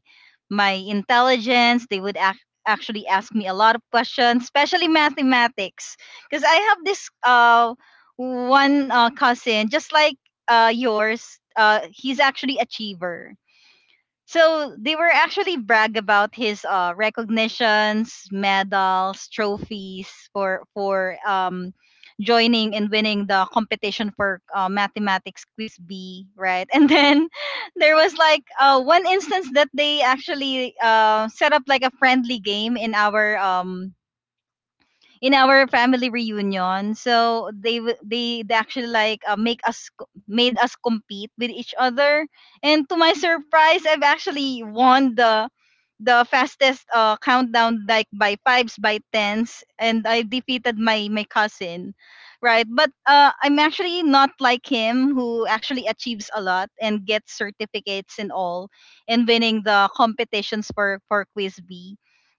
A: intelligence. Actually ask me a lot of questions, especially mathematics, because I have this one cousin just like yours. He's actually achiever, so they were actually brag about
B: Mm-hmm.
A: his recognitions, medals, trophies for joining and winning the competition for mathematics quiz B, right? And then [LAUGHS] there was like one instance that they actually set up like a friendly game in our family reunion. So they w- they actually like made us compete with each other. And to my [LAUGHS] surprise, I've actually won the fastest countdown, like by fives, by tens, and I defeated my cousin, right? But I'm actually not like him, who actually achieves a lot and gets certificates and all and winning the competitions for quiz B.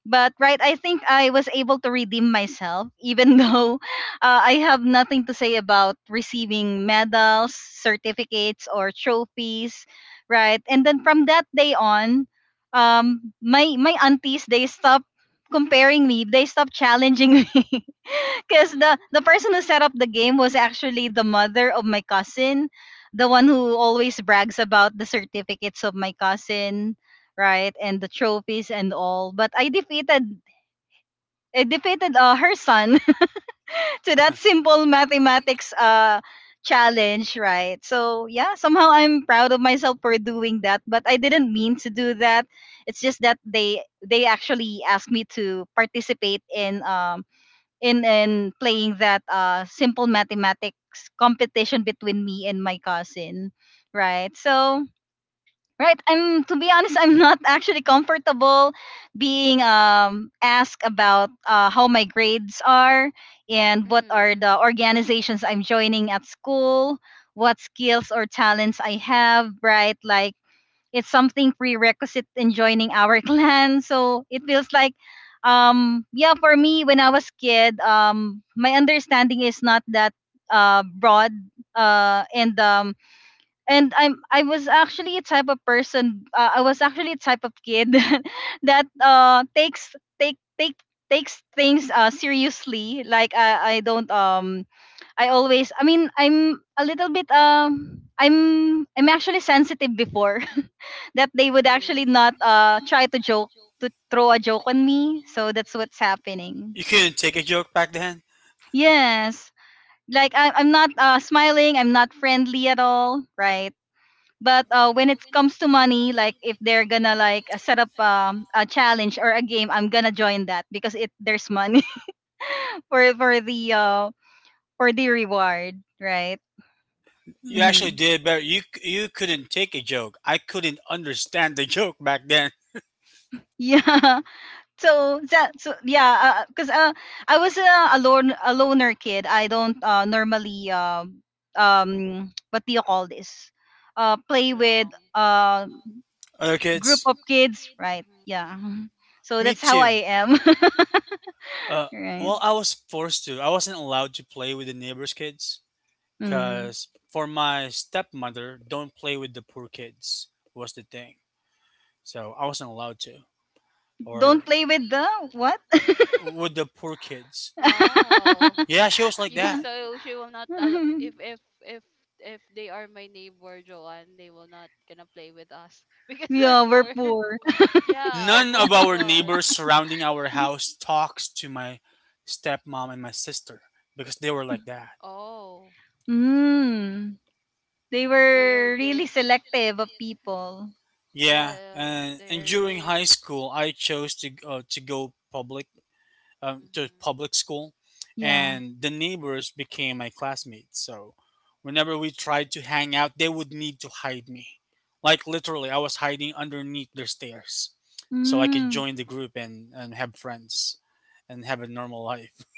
A: But right, I think I was able to redeem myself, even [LAUGHS] though I have nothing to say about receiving medals, certificates, or trophies, right? And then from that day on, my aunties, they stopped comparing me. They stopped challenging [LAUGHS] me, because
B: Mm-hmm.
A: the person who set up the game was actually the mother of my cousin, the one who always brags about the certificates of my cousin, right? And the trophies and all. But I defeated her son [LAUGHS] to that
C: [LAUGHS]
A: simple mathematics challenge, right? So yeah, somehow I'm proud of myself for doing that, but I didn't mean to do that. It's just that they actually asked me to participate in in playing that simple mathematics competition between me and my cousin, right? So right. I'm To be honest, I'm not [LAUGHS] actually comfortable being asked about how my grades are and what are
B: Mm-hmm.
A: the organizations I'm joining at school, what skills or talents I have, right? Like, it's something prerequisite in joining our [LAUGHS] clan. So it feels like yeah, for me when I was kid, my understanding is not that broad uh and um and I was actually a type of person, I was actually a type of kid [LAUGHS] that takes take take takes things seriously. Like, I don't I always, I mean, I'm a little bit I'm actually sensitive before [LAUGHS] that they would actually
B: Hmm.
A: not try to joke to throw a joke on me. So that's what's happening.
C: You couldn't take a joke back then.
A: Yes. Like, I'm not smiling, I'm not friendly at all, right? But when it comes to money, like if they're gonna like set up a challenge or a game, I'm gonna join that, because it there's money [LAUGHS] for the for the reward, right?
C: You actually
A: Hmm.
C: did better. You couldn't take a joke. I couldn't understand the joke back then.
A: Yeah. [LAUGHS] So that, so yeah, because 'cause I was a loner kid. I don't normally um [TSK] what do you call this,
B: Get
A: play with
B: along.
A: uh
B: Mm-hmm.
C: Other
A: group
C: kids,
A: of kids, right?
B: Mm-hmm.
A: Yeah. [LAUGHS] So
C: me
A: that's how I
C: too.
A: am.
C: Uh,
A: [LAUGHS] Right.
C: well, I was forced to. I wasn't allowed to play with the neighbors' kids
A: Mhm.
C: because for my stepmother, don't play with the poor kids was the thing. So I wasn't allowed to,
A: Don't
C: or
A: play with the what?
C: with the poor kids.
B: Wow.
C: Yeah,
A: [LAUGHS]
C: she was like
B: She,
C: that.
B: so she will not al- if if they are my neighbor Joanne, they will not gonna play with us [LAUGHS] because they're
A: Yeah, we're
B: poor.
A: poor.
B: [LAUGHS] Yeah,
C: None of
B: both of
C: our
B: us.
C: neighbors surrounding our house talks to my stepmom and my sister because they were like that.
B: Oh,
A: Mm. They
B: because they are
A: were really
B: rich.
A: selective of people.
C: Yeah,
B: Yeah,
C: and,
B: they
C: and
B: are
C: during high
B: rich.
C: school, I chose to go public to
B: Mhm.
C: public school,
A: Yeah.
C: and the neighbors became my classmates. So whenever we tried to hang out, they would need to hide me. Like literally, I was hiding underneath their stairs, so I could
A: Mm.
C: join the group and have friends, and have a normal life. [LAUGHS]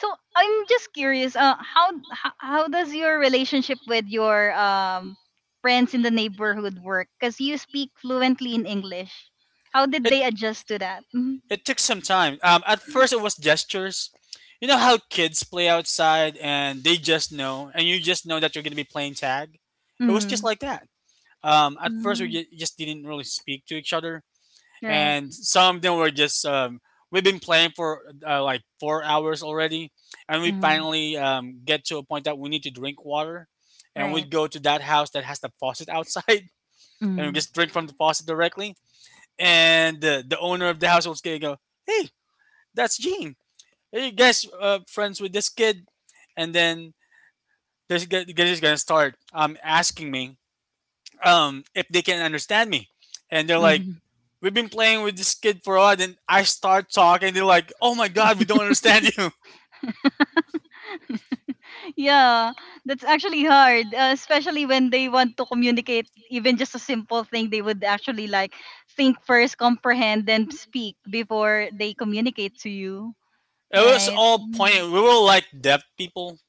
A: So I'm just curious. How does your relationship with your friends in the neighborhood work? Because you speak fluently in English. How did
C: It,
A: they adjust to that? Mm.
C: It took some time. At first, it was gestures. You know how kids play outside and they just know, and you just know that you're going to be playing tag? It was just
A: Mm.
C: like that. At first, we
A: Mm.
C: ju- just didn't really speak to each other.
A: Right.
C: And some of them were just, we've been playing for like 4 hours already. And we
A: Mm.
C: finally get to a point that we need to drink water. And we
A: Right.
C: go to that house that has the faucet outside [LAUGHS] and we
A: Mm.
C: just drink from the
B: Mhm.
C: faucet directly. And the owner of the house was going to go, hey, that's Gene. Are you guys friends with this kid? And then this guy is gonna start asking me if they can understand me, and they're like,
A: Mm.
C: "We've been playing with this kid for a while." Then I start talking. They're like, "Oh my god, we don't understand you." [LAUGHS]
A: [LAUGHS] Yeah, that's actually hard, especially when they want to communicate even just a simple thing. They would actually like think first, comprehend, then speak before they communicate to you,
C: It was
A: right?
C: all
A: Mm.
C: pointed. We were like deaf people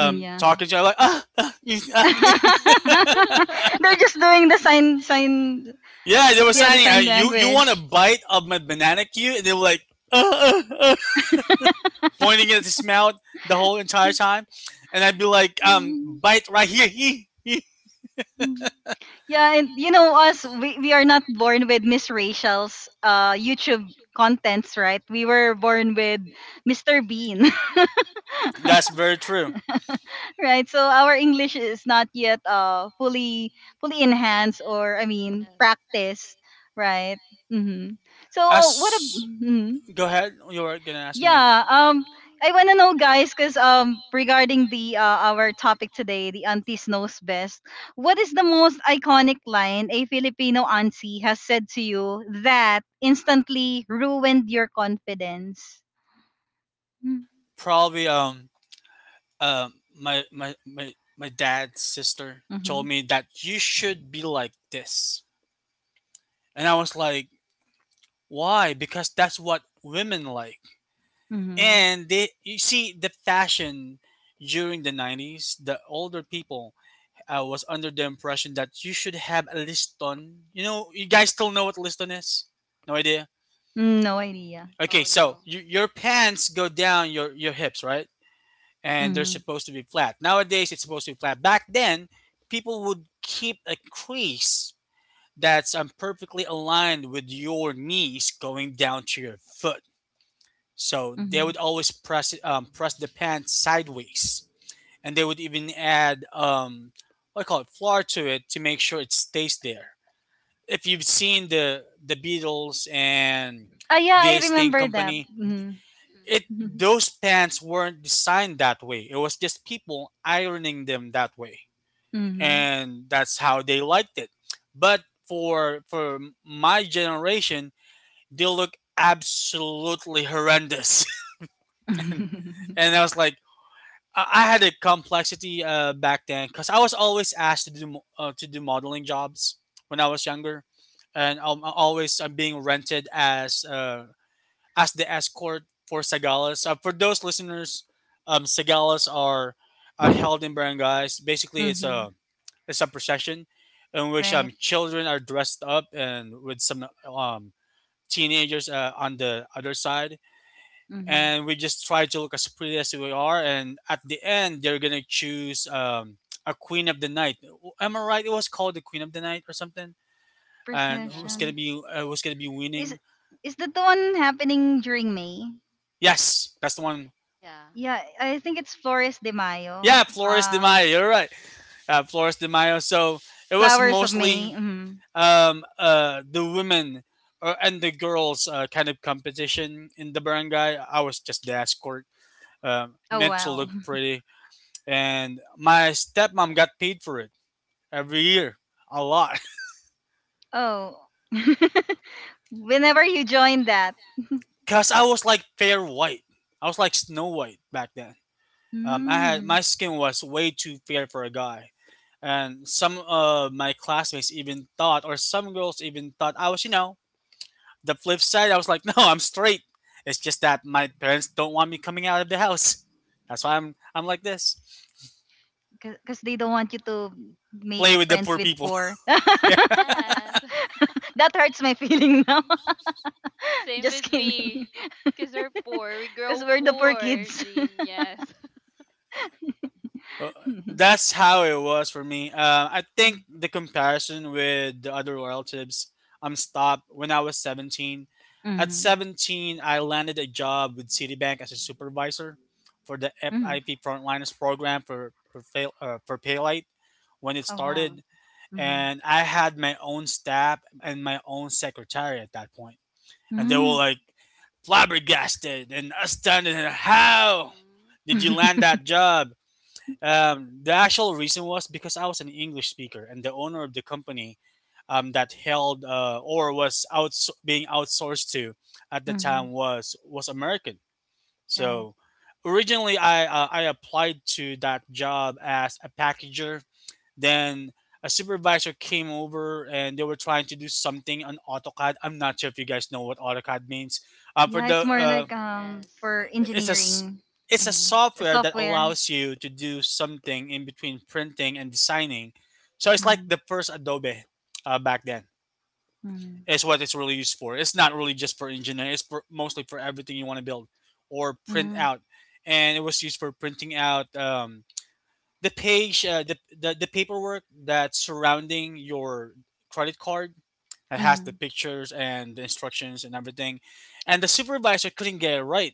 A: Mm, yeah.
C: talking to each other like ah, ah, you,
A: [LAUGHS]
C: ah.
B: Mhm. [LAUGHS]
A: They're just doing the sign, sign,
C: [LAUGHS] Yeah, they were
A: yeah,
B: Sign
A: the
C: signing,
A: sign
B: up.
C: you want a
A: language.
C: bite of my banana cue, and they were like ah, ah, ah, pointing at his mouth the whole entire time, and I'd be like, bite right here. Hee, hee.
A: Yeah, and you know us, we are not born with Miss Rachel's YouTube contents, right? We were born with Mr. Bean. [LAUGHS]
C: That's very true.
A: Right, so our English is not yet fully enhanced, or I mean,
B: Yes.
A: practiced, right? Mm-hmm. So what a
C: As
A: mm
C: go ahead, you were gonna ask me. Yeah,
A: yeah
C: um,
A: I want to know, guys, because
C: guys, because
A: regarding the
C: regarding the.
A: our topic today, the aunties knows best, what is the most iconic line a Filipino auntie has said to you that instantly ruined your confidence? Mm-hmm.
C: Probably, my my dad's sister
A: Mm-hmm.
C: told me that you should be like this, and I was like, why? Because that's what women like.
A: Mm-hmm.
C: And they, you see, the fashion during the '90s, the older people. I was under the impression that you should have a liston. You know, you guys still know what liston is? No idea.
A: No idea.
C: Okay,
B: No,
C: so
B: no.
C: you, your pants go down your hips, right? And they're
A: Mm-hmm.
C: supposed to be flat. Nowadays, it's supposed to be flat. Back then, people would keep a crease that's perfectly aligned with your knees going down to your foot. So they
A: Mm-hmm.
C: would always press it, press the pants sideways, and they would even add what do you call it, flour to it to make sure it stays there. If you've seen the Beatles and
A: Ah, yeah, I
C: the Sting
A: remember that.
C: Company,
A: Mhm.
C: it
B: Mhm.
A: Mhm.
C: those pants weren't designed that way. It was just people ironing them that way, and that's how they liked it. But for my generation, they look absolutely horrendous, [LAUGHS] and,
A: Mhm.
C: and I
A: [LAUGHS]
C: was like, I had a complexity back then because I was always asked to do to do modeling jobs when I was younger, and I'm being rented as the escort for Sagalas. For those listeners, Sagalas are held in
B: Mhm.
C: barangays. Basically, it's a procession in which
A: Right.
C: children are dressed up and with some teenagers on the other side,
A: Mhm.
C: and we just try to look as pretty as we are. And at the end, they're gonna choose a queen of the night. Am I right? It was called the queen of the night or something. And
B: Yeah.
A: Processions.
C: who's gonna be
A: Is
C: winning?
A: is that the one happening during May?
C: Yes, that's the one.
B: Yeah.
A: Yeah, I think it's Flores de Mayo.
C: Yeah, Flores de
A: Uh,
C: Mayo. You're right. Flores de Mayo. So it was
A: Flowers of May.
C: mostly
A: Mhm.
C: the women and the girls, kind of competition in the barangay. I was just the escort,
A: Oh
C: meant to
A: wow.
C: look pretty, and my stepmom got paid for it every year a lot,
A: Oh. [LAUGHS] Whenever you join that.
C: [LAUGHS] because I was like fair white. I was like Snow White back then. I had My
A: Mm.
C: skin was way too fair for a guy, and some of my classmates even thought, or some girls even thought I was, you know, the flip side. I was like, [LAUGHS] no, I'm straight. It's just that my parents don't want me coming out of the house. [LAUGHS] That's why I'm like this.
A: Cuz they don't want you to make
C: Play with the
A: friends
C: poor
A: with
C: people. [LAUGHS]
A: poor. [LAUGHS] That
C: Yeah.
B: Yes. [LAUGHS]
A: hurts my feeling now. [LAUGHS]
B: Same
A: Just
B: with
A: kidding.
B: me. Because we're poor. We
A: Because
B: grow
A: we're the poor
B: poor,
A: kids.
B: Jean. Yes. [LAUGHS]
C: Uh,
A: [LAUGHS]
C: that's how it was for me. I think the comparison with the other relatives, I'm stopped when I was 17. At
A: Mm-hmm.
C: 17, I landed a job with Citibank as a supervisor for the
A: Mm-hmm.
C: FIP Frontliners program for Paylite when it
A: Oh, wow.
C: started,
A: Mm-hmm.
C: and I had my own staff and my own secretary at that point, and they were
A: Mm.
C: like flabbergasted and astounded. How
B: Hmm.
C: did you land
A: [LAUGHS]
C: that job? The actual reason was because I was an English speaker, and the owner of the company that held or was being outsourced to at the
A: Mm-hmm.
C: time was American.
A: Right.
C: So originally, I applied to that job as a packager. Then a supervisor came over, and they were trying to do something on AutoCAD. I'm not sure if you guys know what AutoCAD means. For
A: Yeah, it's
C: the
A: more like
B: Yes.
A: for
C: it's a s-
A: engineering.
C: It's a
A: Mm-hmm.
C: software that
B: Engineering.
A: Software.
C: allows you to do something in between printing and designing. So it's like
A: Mm-hmm.
C: the first Adobe back then.
A: Mm-hmm.
C: Is what it's really used for. It's not really just for engineering. It's for, mostly for everything you want to build or print out. And it was used for printing out the page, the paperwork that's surrounding your credit card that has the
A: Mm-hmm.
C: pictures and the instructions and everything. And the supervisor couldn't get it right,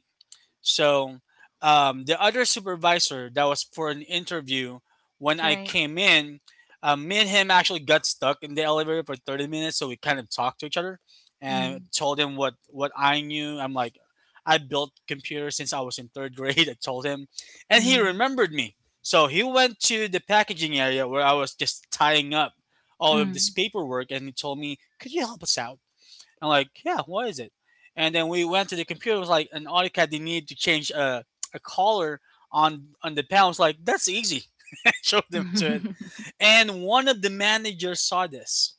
C: so the other supervisor that was for an interview when I
A: Right.
C: came in, me and him actually got stuck in the elevator for 30 minutes. So we kind of talked to each other and
A: Mm,
C: told him what I knew. I'm like, I built computers since I was in third grade. [LAUGHS] I told him, and he
A: mm,
C: remembered me. So he went to the packaging area where I was just tying up all of this
A: mm.
C: paperwork, and he told me, "Could you help us out?" I'm like, yeah, what is it? And then we went to the computer. It was like an AutoCAD. They needed to change a color on the panel. I was like, that's easy. [LAUGHS] I showed them to it,
A: Mhm,
C: and one of the managers saw this,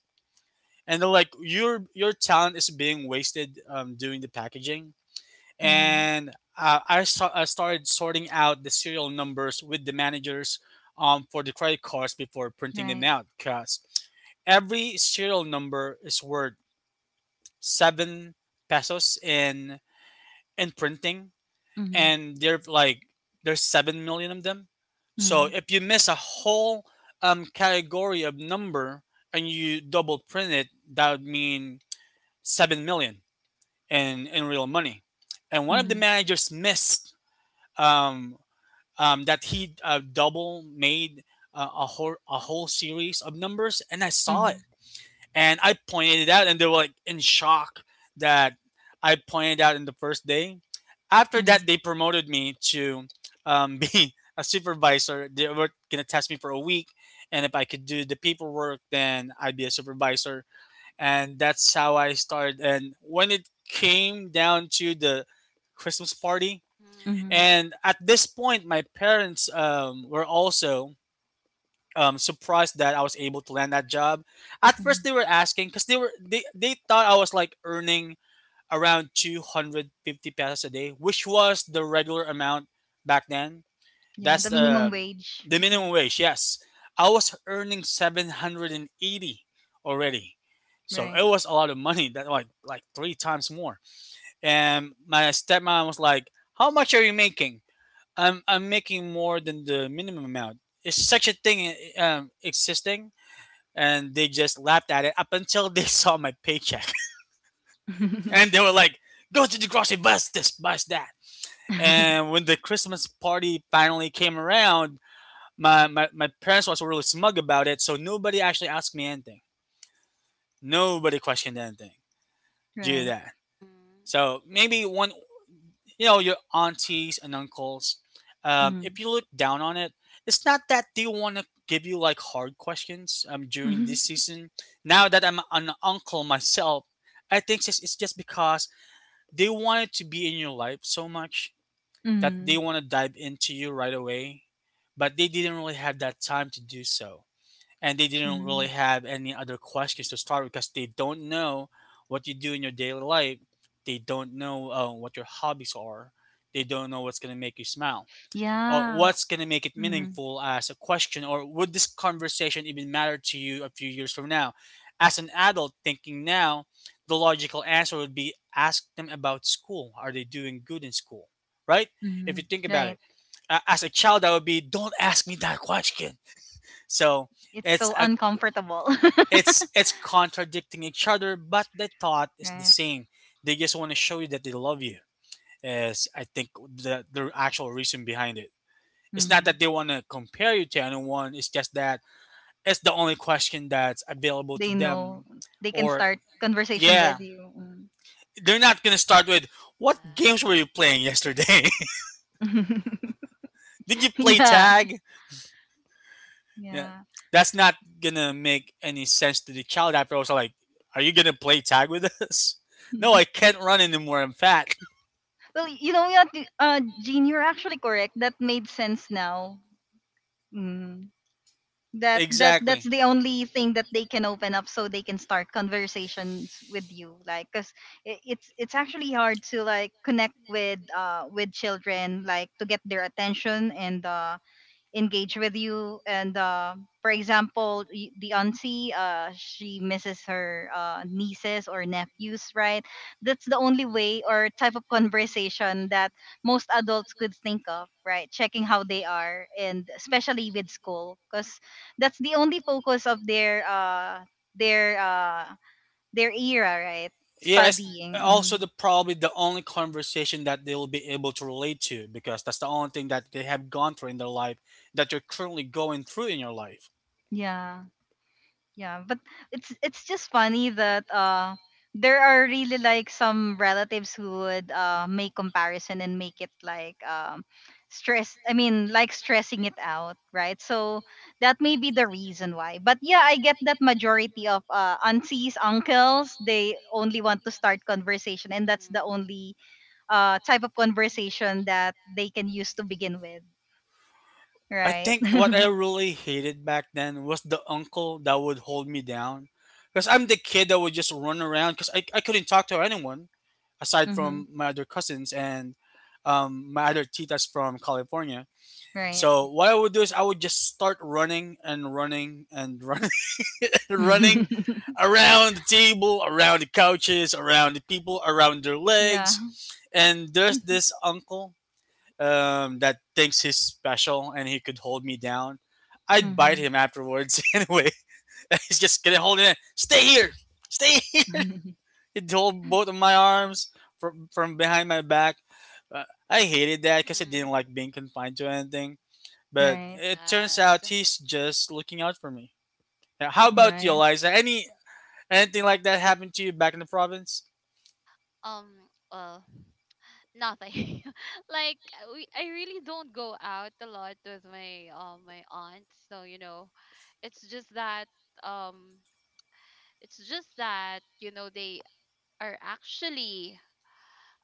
C: and they're like, your talent is being wasted doing the packaging.
A: mhm.
C: And I started sorting out the serial numbers with the managers for the credit cards before
A: [LAUGHS]
C: printing them
A: Right.
C: out, because every serial number is worth seven pesos in and printing,
A: Mhm,
C: and they're like there's 7 million of them. So
A: mhm,
C: if you miss a whole category of number and you double print it, that would mean 7 million in real money. And one of the
A: mhm,
C: managers missed um, that he double made a whole series of numbers, and I saw it
A: mhm,
C: and I pointed it out, and they were like in shock that I pointed out in the first day. After that,
A: mhm,
C: they promoted me to [LAUGHS] be a supervisor. They were gonna test me for a week, and if I could do the paperwork, then I'd be a supervisor. And that's how I started. And when it came down to the Christmas party,
B: Mm-hmm.
A: mhm,
C: and at this point, my parents were also surprised that I was able to land that job. At first,
A: mhm.
C: they were asking because they thought I was like earning around 250 pesos a day, which was the regular amount back then.
A: Yeah,
C: That's
A: the minimum wage.
C: the minimum
A: Mhm.
C: wage. Yes, I was earning 780 already, so it
A: Right.
C: was a lot of money. That like three times more. And my stepmom was like, "How much are you making?" I'm making more than the minimum amount. Is such a thing existing? And they just laughed at it up until they [LAUGHS] saw my paycheck, [LAUGHS] and they
A: [LAUGHS]
C: were like, "Go to the grocery, bus this, bus that." And when the Christmas party finally came around, my parents was really smug about it, so nobody actually asked me anything. Nobody questioned anything due to
A: Right.
C: that.
B: Mm-hmm.
C: So maybe your aunties and uncles,
A: Mm.
C: if you look down on it, it's not that they want to give you like hard questions during this
A: [LAUGHS]
C: season. Now that I'm an uncle myself, I think it's just because they wanted to be in your life so much that they
A: Mhm,
C: want to dive into you right away, but they didn't really have that time to do so, and they didn't really
A: mhm.
C: have any other questions to start with, because they don't know what you do in your daily life. They don't know what your hobbies are. They don't know what's going to make you smile or
A: Yeah.
C: what's going to make it
A: Mhm,
C: meaningful as a question, or would this conversation even matter to you a few years from now. As an adult thinking now, the logical answer would be, ask them about school. Are they doing good in school, right? If you
A: mhm.
C: think about
A: Right.
C: it, as a child I would be, don't ask me that question. So
A: It's
C: it's
A: so
C: a
A: uncomfortable. [LAUGHS]
C: it's it's contradicting each other, but the thought is the
A: Right.
C: same. They just want to show you that they love you. Is, I think, the actual reason behind it. It's not that
A: Mhm.
C: they want to compare you to anyone. It's just that it's the only question that's available to
A: They know
C: them.
A: they can
C: Or
A: start conversation
C: yeah,
A: with you. Mm.
C: they're not gonna start with, what
B: Yeah.
C: games were you playing yesterday?
A: [LAUGHS]
C: [LAUGHS] Did you play
A: Yeah.
C: tag? Yeah,
A: Yeah.
C: that's not gonna make any sense to the child. After also like, are you gonna play tag with us? [LAUGHS] No, I
A: [LAUGHS]
C: can't run anymore. I'm fat.
A: Well, you know what, Jean, you're actually correct. That made sense now. Mm-hmm. that that
C: Exactly.
A: that's the only thing that they can open up, so they can start conversations with you, like, because it's actually hard to like connect with children, like to get their attention and engage with you, and for example, the auntie, she misses her nieces or nephews, right? That's the only way or type of conversation that most adults could think of, right? Checking how they are, and especially with school, because that's the only focus of their uh their era, right?
C: Yes,
A: Studying.
C: also
A: Mhm.
C: the probably the only conversation that they will be able to relate to, because that's the only thing that they have gone through in their life that you're currently going through in your life.
A: Yeah. Yeah, but it's just funny that there are really like some relatives who would make comparison and make it like stress, I mean, like stressing it out, right? So that may be the reason why. But yeah, I get that majority of aunties, uncles, they only want to start conversation, and that's the
B: Mm-hmm.
A: only type of conversation that they can use to begin with,
C: I
A: right?
C: think what I
A: [LAUGHS]
C: really hated back then was the uncle that would hold me down, because I'm the kid that would just run around because I couldn't talk to anyone aside from
A: Mhm.
C: my other cousins and my other titas from California.
A: Right.
C: So what I would do is I would just start running and running and [LAUGHS] running and running
A: [LAUGHS]
C: around the table, around the couches, around the people, around their legs.
A: Yeah.
C: And there's this uncle that thinks he's special and he could hold me down. I'd bite
A: Mhm.
C: him afterwards [LAUGHS] anyway. [LAUGHS] He's just gonna hold it. Stay here, stay. Here.
A: [LAUGHS]
C: He'd hold both of my arms from behind my back. Uh, I hated that because I
B: Mm-hmm.
C: didn't like being confined to anything, but
A: Right.
C: it turns
B: Yes.
C: out he's just looking out for me. Now, how about you,
A: Right.
C: Eliza? Anything like that happened to you back in the province?
B: Um, well, nothing. [LAUGHS] Like, we I really don't go out a lot with my my aunt. So, it's just that um it's just that, they are actually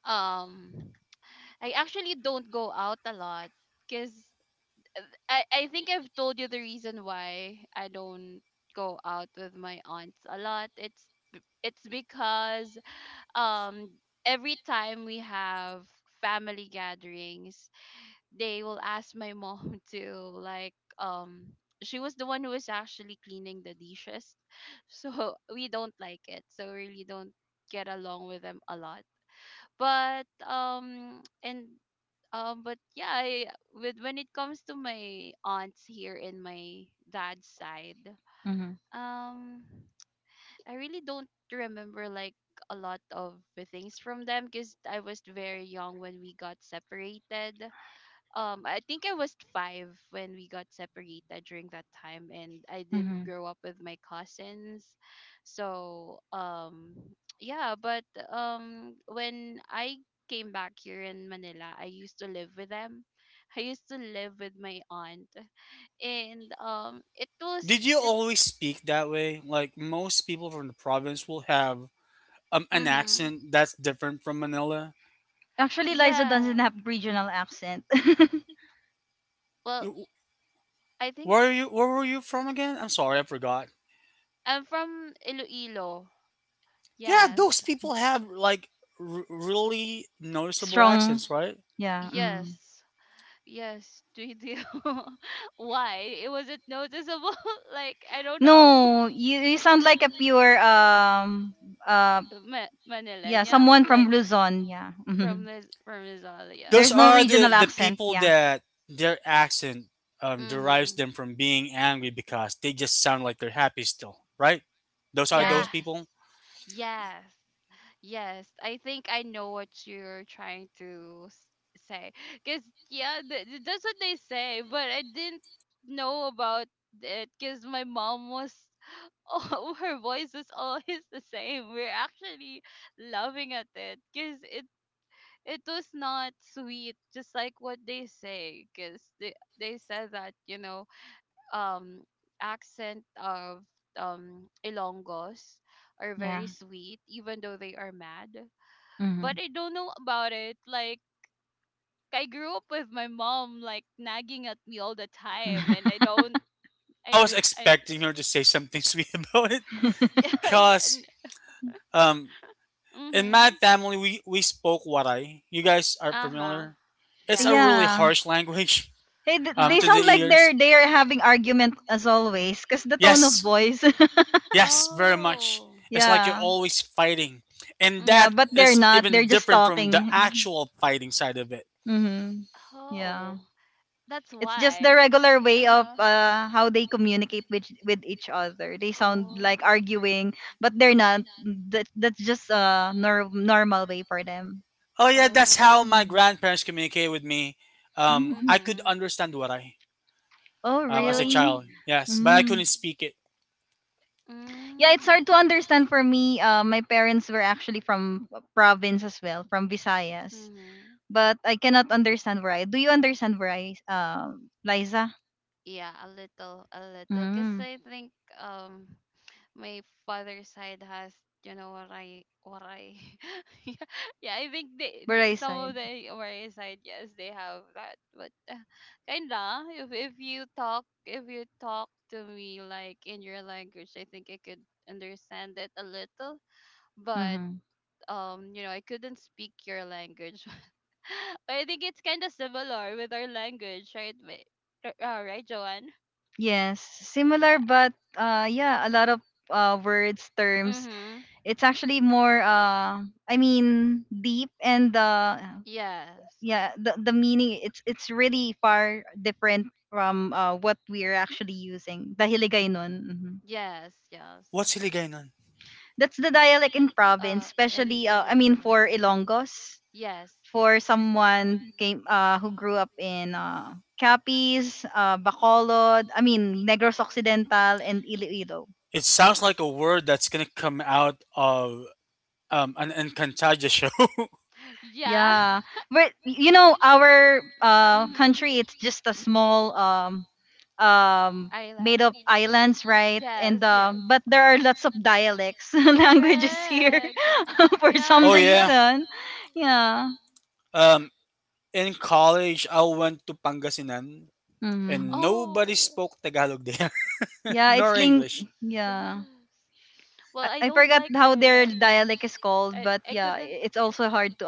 B: um I actually don't go out a lot because I think I've told you the reason why I don't go out with my aunts a lot. It's because um every time we have family gatherings, they will ask my mom [LAUGHS] to like she was the one who was actually cleaning the dishes. [LAUGHS] So we don't like it. So we really don't get along with them a lot. But um and but yeah, I, with when it comes to my aunts here in my dad's side,
A: Mm-hmm.
B: um, I really don't remember like a lot of the things from them because I was very young when we got separated. I think I was five when we got separated during that time, and I didn't
A: Mm-hmm.
B: grow up with my cousins. So yeah, but when I came back here in Manila, I used to live with them. I used to live with my aunt, and it was
C: Did you
B: it
C: always speak that way? Like, most people from the province will have an
B: mhm.
C: accent that's different from Manila.
A: Actually, Liza doesn't
B: Yeah.
A: have regional accent.
B: Well,
C: You,
B: I think
C: where are you? Where were you from again? I'm sorry, I forgot.
B: I'm from Iloilo.
C: Yeah,
B: Yes.
C: those people have like really
A: [LAUGHS]
C: noticeable
A: Strong.
C: accents, right?
A: Yeah. Mm.
B: Yes. Yes, three do? [LAUGHS] Why? It wasn't noticeable. [LAUGHS] Like, I don't know. [LAUGHS]
A: No, you sound like a pure uh
B: Ma-
A: yeah,
B: Manilena,
A: someone from
B: like,
A: Luzon. Yeah. Hmm.
B: from Liz from Lizalia.
C: Those
A: There's no
C: are the,
A: regional
C: the
A: accent.
C: people
A: Yeah.
C: that their accent derives
B: Mm-hmm.
C: them from being angry, because they just sound like they're happy still, right? Those are those
B: Yes.
A: Right.
C: people.
B: Yes. Yes. I think I know what you're trying to s- say. Cause yeah, th- th- that's what they say. But I didn't know about it. Cause my mom was oh, [LAUGHS] her voice is always the same. We're actually laughing at it because it was not sweet, just like what they say. Because they said that um accent of Ilongos are
A: Yeah.
B: very sweet, even though they are mad. But
A: Hmm.
B: I don't know about it. Like, I grew up with my mom like nagging at me all the time, and I don't.
C: Yeah, I
B: I
C: was
B: will- I
C: expecting her to say something [LAUGHS] sweet about it.
B: [LAUGHS] yeah.
A: [LAUGHS]
B: Yeah.
C: Cause um, in my
B: Mm-hmm.
C: family we spoke Waray. You guys are
B: Uh-huh.
C: familiar. It's a really
B: Yes.
A: Yeah.
C: harsh language
A: Hey,
C: [LAUGHS]
A: they
C: to the
A: sound
B: Uh-huh.
A: like
C: ears.
A: they're having argument as always, because the tone of
C: Yes.
A: voice.
C: Yes, very much.
B: Oh.
A: [LAUGHS]
C: It's like you're
A: Yeah.
C: always fighting. And
A: Yeah,
C: that
A: but
B: Mm-hmm.
A: they're
C: is
A: not.
C: even
A: They're just
C: different from the
A: talking.
C: actual fighting side of it.
A: Mm-hmm. Yeah.
B: Oh. That's
A: It's just the
B: why.
A: regular way of
B: Uh-huh.
A: how they communicate with each other. They sound like
B: Oh.
A: arguing, but they're not. That's just a normal way for them.
C: Oh, yeah, that's
B: Oh.
C: how my
A: Mm.
C: grandparents communicated with me. I
A: [LAUGHS]
C: could
B: Mm-hmm.
C: understand Waray
A: Oh,
C: as a
B: Oh. Yeah.
A: really?
C: child, yes, but I
A: Mm.
C: couldn't speak it.
A: Yeah, it's hard
B: Mm.
A: to understand for me. My parents were actually from a province as well, from Visayas,
B: Mm-hmm.
A: but I cannot understand where I. Do you understand where I, Liza?
B: Yeah, a little, a little. Cause
A: Mm.
B: I think um my father's side has, waray waray. [LAUGHS] Yeah, yeah, I think
A: Where I
B: some
A: side?
B: of the waray side, yes, they have that, but kinda. If you talk if you talk to me like in your language, I think I could understand it a little, but you know, I couldn't speak your language. [LAUGHS] But I think it's kind of similar with our language, right Ma- r- right Joanne?
A: Yes, similar,
B: Yeah.
A: but yeah, a lot of words, terms.
B: Mm-hmm.
A: It's actually more, I mean, deep and
B: Yes.
A: yeah, the meaning. It's really far different from what we're actually using. Dahiligay nun. Mhm.
B: Yes. Yes.
C: What's Hiligaynon?
A: That's the dialect in province,
B: Uh, in
A: especially. I mean, for
B: Iloilo.
A: Ilonggos.
B: Yes,
A: For
B: yes.
A: someone came who grew up in Capiz, Bacolod. I mean, Negros Occidental and Iloilo.
C: It sounds like a
B: Yes.
C: word that's going to come out of an Encantadia show. [LAUGHS]
B: Yeah.
A: Yeah,
B: [LAUGHS]
A: but you know, our country,
B: Mm-hmm.
A: it's just a small um made
B: Island.
A: up islands, right?
B: Yes,
A: And
B: yes.
A: but there are lots of dialects [LAUGHS] languages here
B: Correct.
A: [LAUGHS] for
B: Yeah,
A: some
C: Oh,
B: there's a
C: yeah.
A: reason.
B: [LAUGHS]
A: Yeah.
C: Um, in college, I went to Pangasinan
A: Mm.
C: and nobody
B: Oh,
C: spoke Tagalog there, [LAUGHS]
A: Yeah,
C: nor
A: it's ling
C: English.
A: yeah.
B: yes. Well,
A: I,
B: I
A: I
B: don't
A: forgot
B: like
A: how
B: their
A: their
B: language.
A: dialect is called,
B: I
A: but
B: I
A: yeah,
B: couldn't,
A: it's also hard to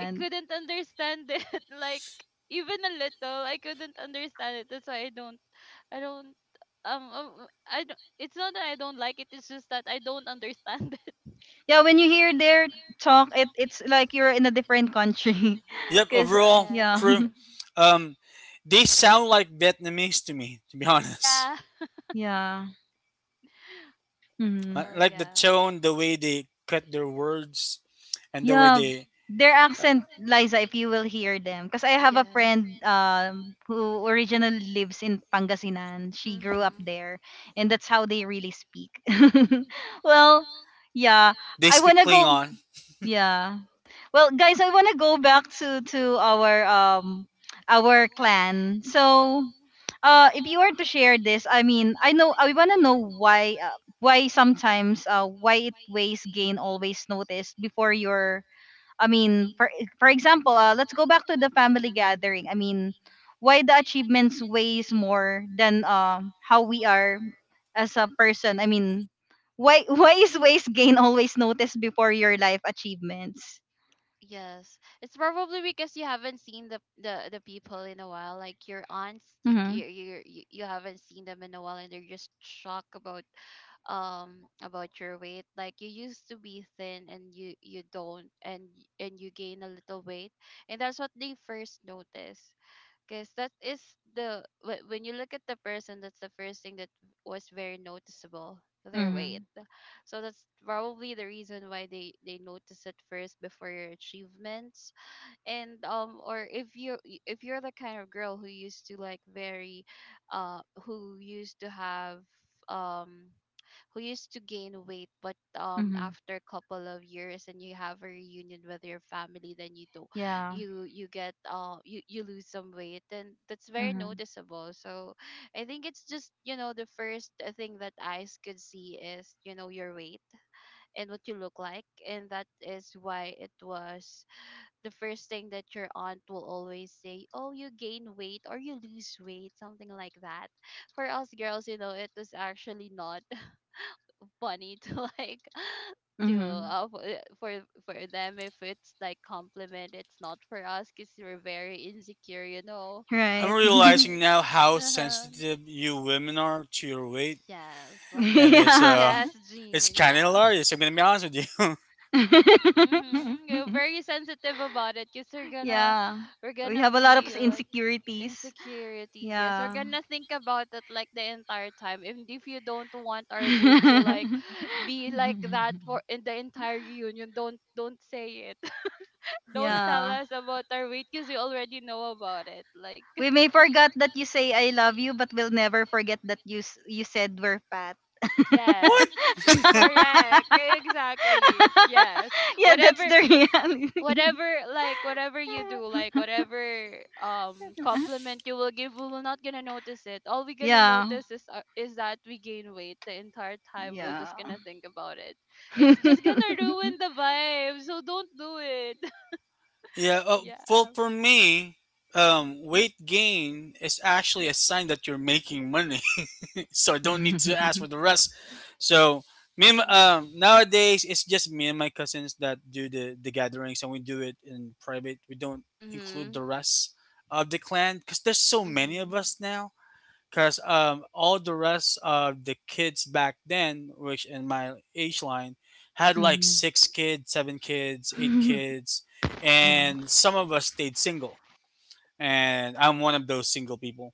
B: I couldn't understand it [LAUGHS] like even a little. I couldn't understand it. That's why I don't, I don't I don't, it's not that I don't like it. It's just that I don't understand [LAUGHS] it.
A: Yeah, when you hear their talk, it it's like you're in a different country.
C: Yep,
A: [LAUGHS] Cause
C: overall,
A: yeah.
B: Correct.
C: true.
A: [LAUGHS]
C: Um, they sound like Vietnamese to me, to be [LAUGHS] honest.
B: Yeah. [LAUGHS]
A: Yeah. Mhm.
C: Like
B: Well,
C: like the
B: yeah.
C: tone, the way they cut their words, and the way
B: Mm.
A: Yeah,
C: they,
A: their accent, Liza, if you will hear them. Because I have a
B: Yes.
A: friend who originally lives in Pangasinan. She grew up
B: Mm-hmm.
A: there, and that's how they really speak. [LAUGHS] Well, yeah,
C: they
A: I
C: speak
A: wanna go.
C: Klingon.
A: Yeah. Well, guys, I wanna go back to our clan. So, if you were to share this, I mean, I know I wanna know why sometimes why it weighs gain always noticed before your I mean, for example, let's go back to the family
B: Mm.
A: gathering. I mean, why the achievements weighs more than how we are as a person. I mean, why [LAUGHS] why is ways gain always noticed before your life achievements?
B: Yes. It's probably because you haven't seen the people in a while. Like your aunts,
A: Mhm.
B: you haven't seen them in a while, and they're just shocked about your weight. Like, you used to be thin, and you don't, and y- and you gain a little weight, and that's what they first notice. Because that is the wh- when you look at the person, that's the first thing that was very noticeable, their weight.
A: Mhm.
B: So that's probably the reason why they notice it first before your achievements. And or if you y- if you're the kind of girl who used to like very uh, who used to have um who used to gain weight, but
A: Mhm.
B: after a couple of years and you have a reunion with your family, then you do,
A: Yeah.
B: you get uh, you lose some weight, and that's very
A: Mhm.
B: noticeable. So I think it's just, you know, the first thing that eyes could see is, you know, your weight and what you look like, and that is why it was the first thing that your aunt will always say, oh, you gain weight or you lose weight, something like that. For us girls, you know, it was actually not funny to [LAUGHS] like to
A: Mhm.
B: for them, if it's like compliment, it's not for us because we're very insecure, you know.
C: I'm
A: Right. [LAUGHS]
B: But
C: realizing now how
B: uh,
C: sensitive you women are to your weight,
B: yes.
C: and it's
A: Yeah.
C: uh,
B: Yes
C: it's
B: Jean,
C: kind of
B: yeah.
C: hilarious. I'm gonna be honest with you.
B: Mm-hmm. You're
A: [LAUGHS]
B: very sensitive about it because we're gonna,
A: Yeah.
B: we're
A: We
B: gonna
A: have a lot of
B: be like
A: insecurities.
B: insecurities. Yes, we're
A: Yeah.
B: gonna think about it like the entire time. And if you don't want our mood to like
A: [LAUGHS]
B: [GASPS] be like that for in the entire reunion, don't say it. [LAUGHS] Don't tell
A: Yeah.
B: us about our weight because we already know about it. Like
A: We may forget that you say I love you, but we'll never forget that you said we're fat. [LAUGHS]
B: [LAUGHS]
C: [LAUGHS]
B: yes.
C: What?
B: Correct. Exactly. Yes.
A: Yeah, that's
B: Whatever,
A: the reality.
B: whatever, like whatever you do, like whatever
A: [LAUGHS]
B: compliment you will give, we will not gonna notice it. All we gonna
A: Yeah.
B: notice is that we gain weight the entire time. We're
A: Yeah.
B: just gonna think about it. It's just gonna ruin
A: [LAUGHS]
B: the vibe, so don't do it. [LAUGHS]
C: Yeah.
B: Yeah.
C: Well, for me, weight gain is actually a sign that you're making money. So I don't need to ask for the rest. So
B: Mm.
C: nowadays it's just me and my cousins that do the gatherings, and we do it in private. We don't include
B: Mm-hmm.
C: the rest of the clan because there's so many of us
B: Mm-hmm.
C: now. Because all the rest of the kids back then, which in my age line, had like
A: Mhm.
C: six kids, seven kids,
A: [LAUGHS]
C: eight
A: Mhm.
C: kids, and some of us stayed single. And I'm one of those single people,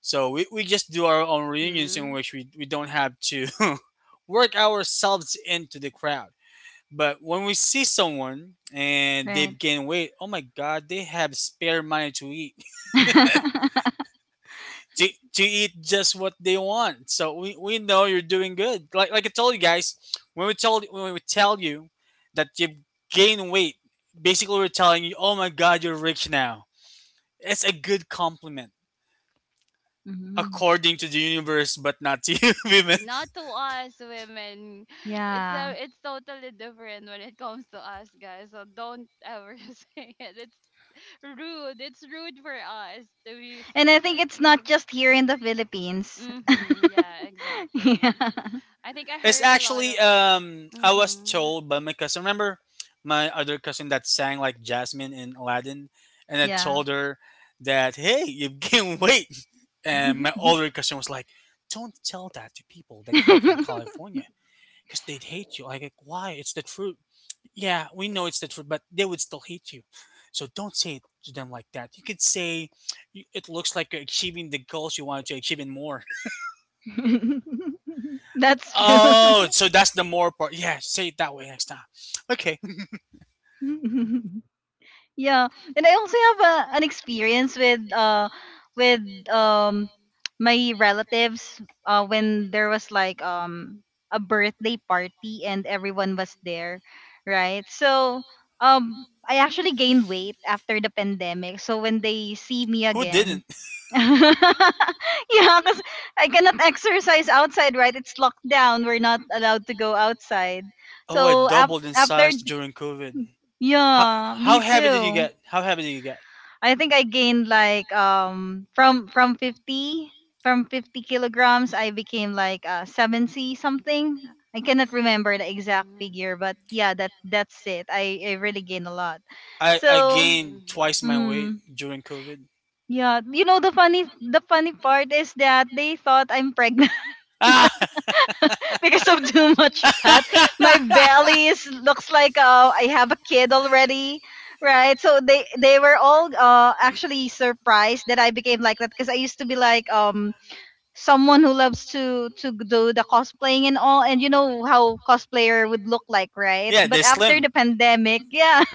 C: so we just do our own reunions in
B: Mm-hmm.
C: which we don't have to [LAUGHS] work ourselves into the crowd. But when we see someone and
A: Right.
C: they've gained weight, oh my god, they have spare money to eat.
A: [LAUGHS]
C: [LAUGHS] to, to eat just what they want. So we know you're doing good. Like I told you guys, when we tell you that you've gained weight, basically we're telling you, oh my god, you're rich now. It's a good compliment
A: Mhm.
C: according to the universe, but not to you, [LAUGHS] women.
B: See, not to us women. [SIGHS] It's
A: Yeah.
B: a, it's totally different when it comes to us guys. So don't ever [LAUGHS] say it. It's rude. It's rude for us to you
A: And
B: say
A: I think
B: that.
A: it's not
B: Mhm.
A: just here in the Philippines.
B: Mhm. Yeah.
A: [LAUGHS]
B: Exactly.
A: Yeah.
B: I think I
C: It's
B: heard a lot
C: actually
B: of.
C: I was
B: Mhm.
C: told by my cousin. Remember my other cousin that sang like Jasmine in Aladdin, and I
A: Yeah.
C: told her that, hey, you [LAUGHS] gained weight. And my older cousin was like, "Don't tell that to people that came from
A: [LAUGHS]
C: California, because they'd hate you." Like, why? It's the truth. Yeah, we know it's the truth, but they would still hate you. So don't say it to them like that. You could say, "It looks like you're achieving the goals you wanted to achieve and more."
A: [LAUGHS] That's true.
C: Oh, so that's the more part. Yeah, say it that way next time. Okay. [LAUGHS]
A: [LAUGHS] Yeah, and I also have a, an experience with um my relatives when there was like a birthday party and everyone was there, right? So I actually gained weight after the pandemic. So when they see me
C: Who
A: again,
C: didn't?
A: [LAUGHS] yeah, because I cannot exercise outside, right? It's locked down. We're not allowed to go outside.
C: Oh, I
A: So
C: doubled in
A: after
C: size during COVID. How
A: yeah, me
C: how heavy did you
A: too.
C: get? How heavy did you get?
A: I think I gained like from 50, from 50 kilograms I became like 70 something. I cannot remember the exact
B: Mhm.
A: figure, but yeah, that that's it. I really gained a lot.
C: I
A: So,
B: Same
C: gained twice
B: here.
C: my weight
A: mm,
C: during COVID.
A: yeah, you know the funny, the funny part is that they thought I'm pregnant,
C: Ah,
A: because of too much fat. My belly is looks like I have a kid already, right? So they were all actually surprised that I became like that because I used to be like someone who loves to do the cosplaying and all, and you know how cosplayer would look like,
C: [LAUGHS]
A: right?
C: yeah, they're
A: But after
C: slim.
A: the pandemic, yeah. [LAUGHS]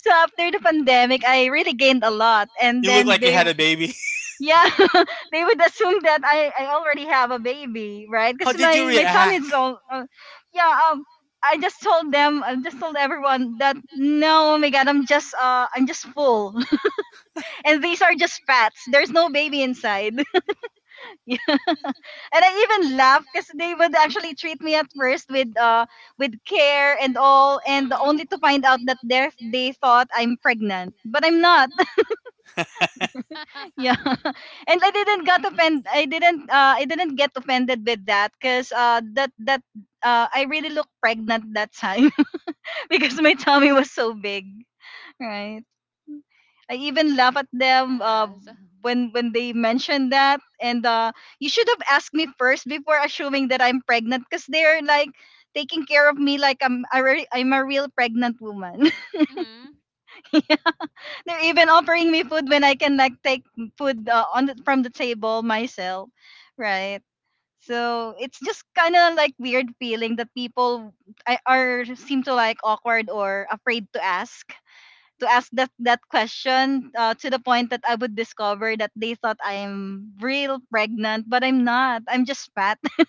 A: So after the pandemic, I really gained a lot, and
C: You look
A: then
C: like you
A: they
C: had a baby.
A: yeah, [LAUGHS] they would assume that I already have a baby,
C: [LAUGHS]
A: right?
C: How
A: Because
C: did you
A: my tummy is
C: react? [LAUGHS]
A: all, yeah. I just told everyone that no, oh my god, I'm just full, [LAUGHS] and these are just fats. There's no baby inside. [LAUGHS] Yeah. And I even laughed because they would actually treat me at first with care and all, and
B: Mhm.
A: only to find out that they thought I'm pregnant, but I'm not.
B: [LAUGHS]
A: Yeah. [LAUGHS] And I didn't got offended. I didn't get offended with that cuz that I really looked pregnant that time [LAUGHS] because my tummy was so big, right? I even laugh at them
B: Yes.
A: when they mentioned that, and you should have asked me first before assuming that I'm pregnant cuz they're like taking care of me like I'm a real pregnant woman.
B: Mhm.
A: [LAUGHS] They're even offering me food when I can like take food from the table myself, right? So it's just kind of like weird feeling that people are seem to like awkward or afraid to ask that question, to the point that I would discover that they thought I'm real pregnant, but I'm not. I'm just fat. [LAUGHS]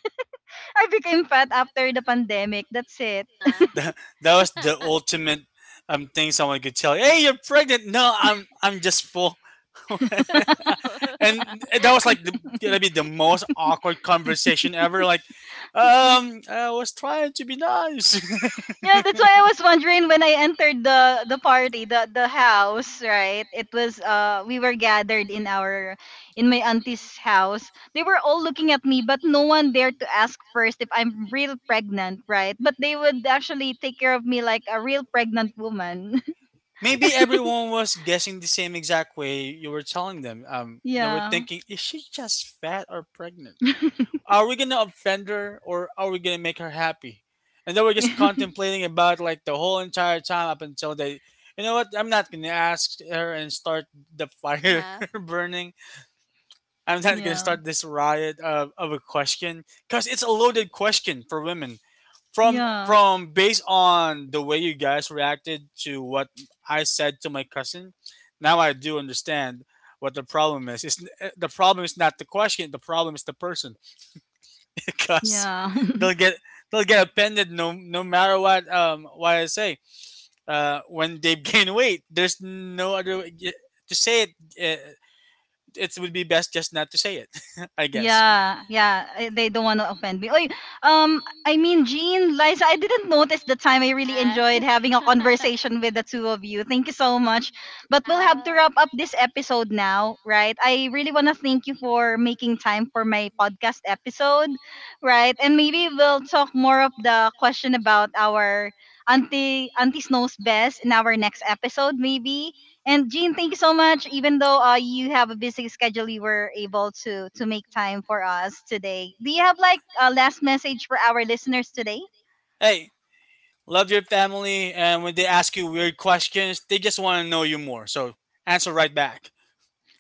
A: I became fat after the pandemic. That's it.
B: Uh
C: That was the
B: huh. [LAUGHS]
C: ultimate thing someone could tell you. Hey, you're pregnant. No, I'm just full. [LAUGHS]
B: Just. [LAUGHS] Uh
C: And that was like gonna be the most awkward conversation ever. Like, I was trying to be nice. [LAUGHS]
A: Yeah, that's why I was wondering when I entered the party, the house, right? It was we were gathered in our in my auntie's house. They were all looking at me, but no one dared to ask first if I'm real pregnant, right? But they would actually take care of me like a real pregnant woman. [LAUGHS]
C: Maybe everyone was guessing the same exact way you were telling them. They were
A: Yeah.
C: thinking, is she just fat or pregnant? Are we gonna offend her or are we gonna make her happy? And they were just
A: [LAUGHS]
C: contemplating about like the whole entire time, up until you know what? I'm not gonna ask her and start the fire
B: huh.
C: [LAUGHS] burning. I'm not going to
A: Yeah.
C: start this riot of a question, because it's a
B: Mhm.
C: loaded question for women. From
A: Yeah.
C: from based on the way you guys reacted to what I said to my cousin, now I do understand what the problem is. The problem is not the question. The problem is the person [LAUGHS] because
A: Yeah.
C: they'll
A: [LAUGHS]
C: get they'll get offended, no matter what I say. When they [LAUGHS] gain weight, there's no other way to say it. It would be best just not to say it. [LAUGHS] I guess.
A: Yeah, yeah. Eh, they don't want to offend me. Oy, I mean, Jean, Liza, I didn't notice the time. I really
B: Yes.
A: enjoyed having a
B: [LAUGHS]
A: conversation with the two of you. Thank you so much. But we'll have to
B: Yeah.
A: wrap up this episode now, right? I really want to thank you for making time for my podcast episode, right? And maybe we'll talk more of the question about our auntie, auntie Snow's best in our next episode, maybe. And Jean, thank you so much. Even though you have a busy schedule, you were able to make time for us today. Do you have like a last message for our listeners today?
C: Hey, love your family, and when they ask you weird questions, they just want to know you more. So answer right back.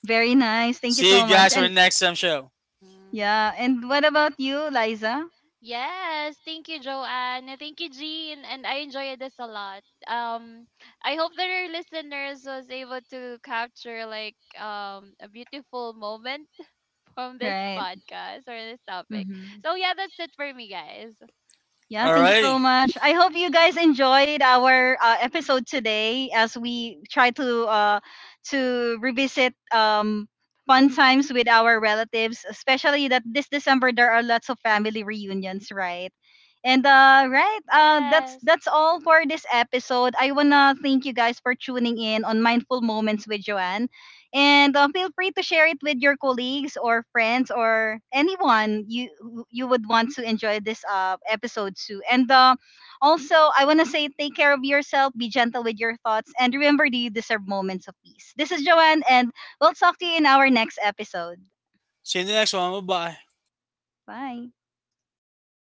A: Very nice. Thank you
C: See
A: so
C: you
A: much.
C: guys for the
A: And
C: next time show.
B: Mhm.
A: yeah, and what about you, Liza?
B: Yes, thank you, Joanne, and thank you, Jean. And I enjoyed this a lot. I hope that our listeners was able to capture like a beautiful moment [LAUGHS] from this
A: Right.
B: podcast or this topic.
A: Mm-hmm.
B: So yeah, that's it for me, guys.
A: Yeah, thank you so
C: Alrighty.
A: much. I hope you guys enjoyed our episode today as we try to revisit fun times with our relatives, especially that this December there are lots of family reunions, right? And that's
B: Yes.
A: that's all for this episode. I wanna thank you guys for tuning in on Mindful Moments with Joanne. And feel free to share it with your colleagues or friends or anyone you who you would want to enjoy this episode to. And also, I want to say take care of yourself, be gentle with your thoughts, and remember that you deserve moments of peace. This is Joanne, and we'll talk to you in our next episode.
C: See you in the next one. Bye bye.
A: Bye.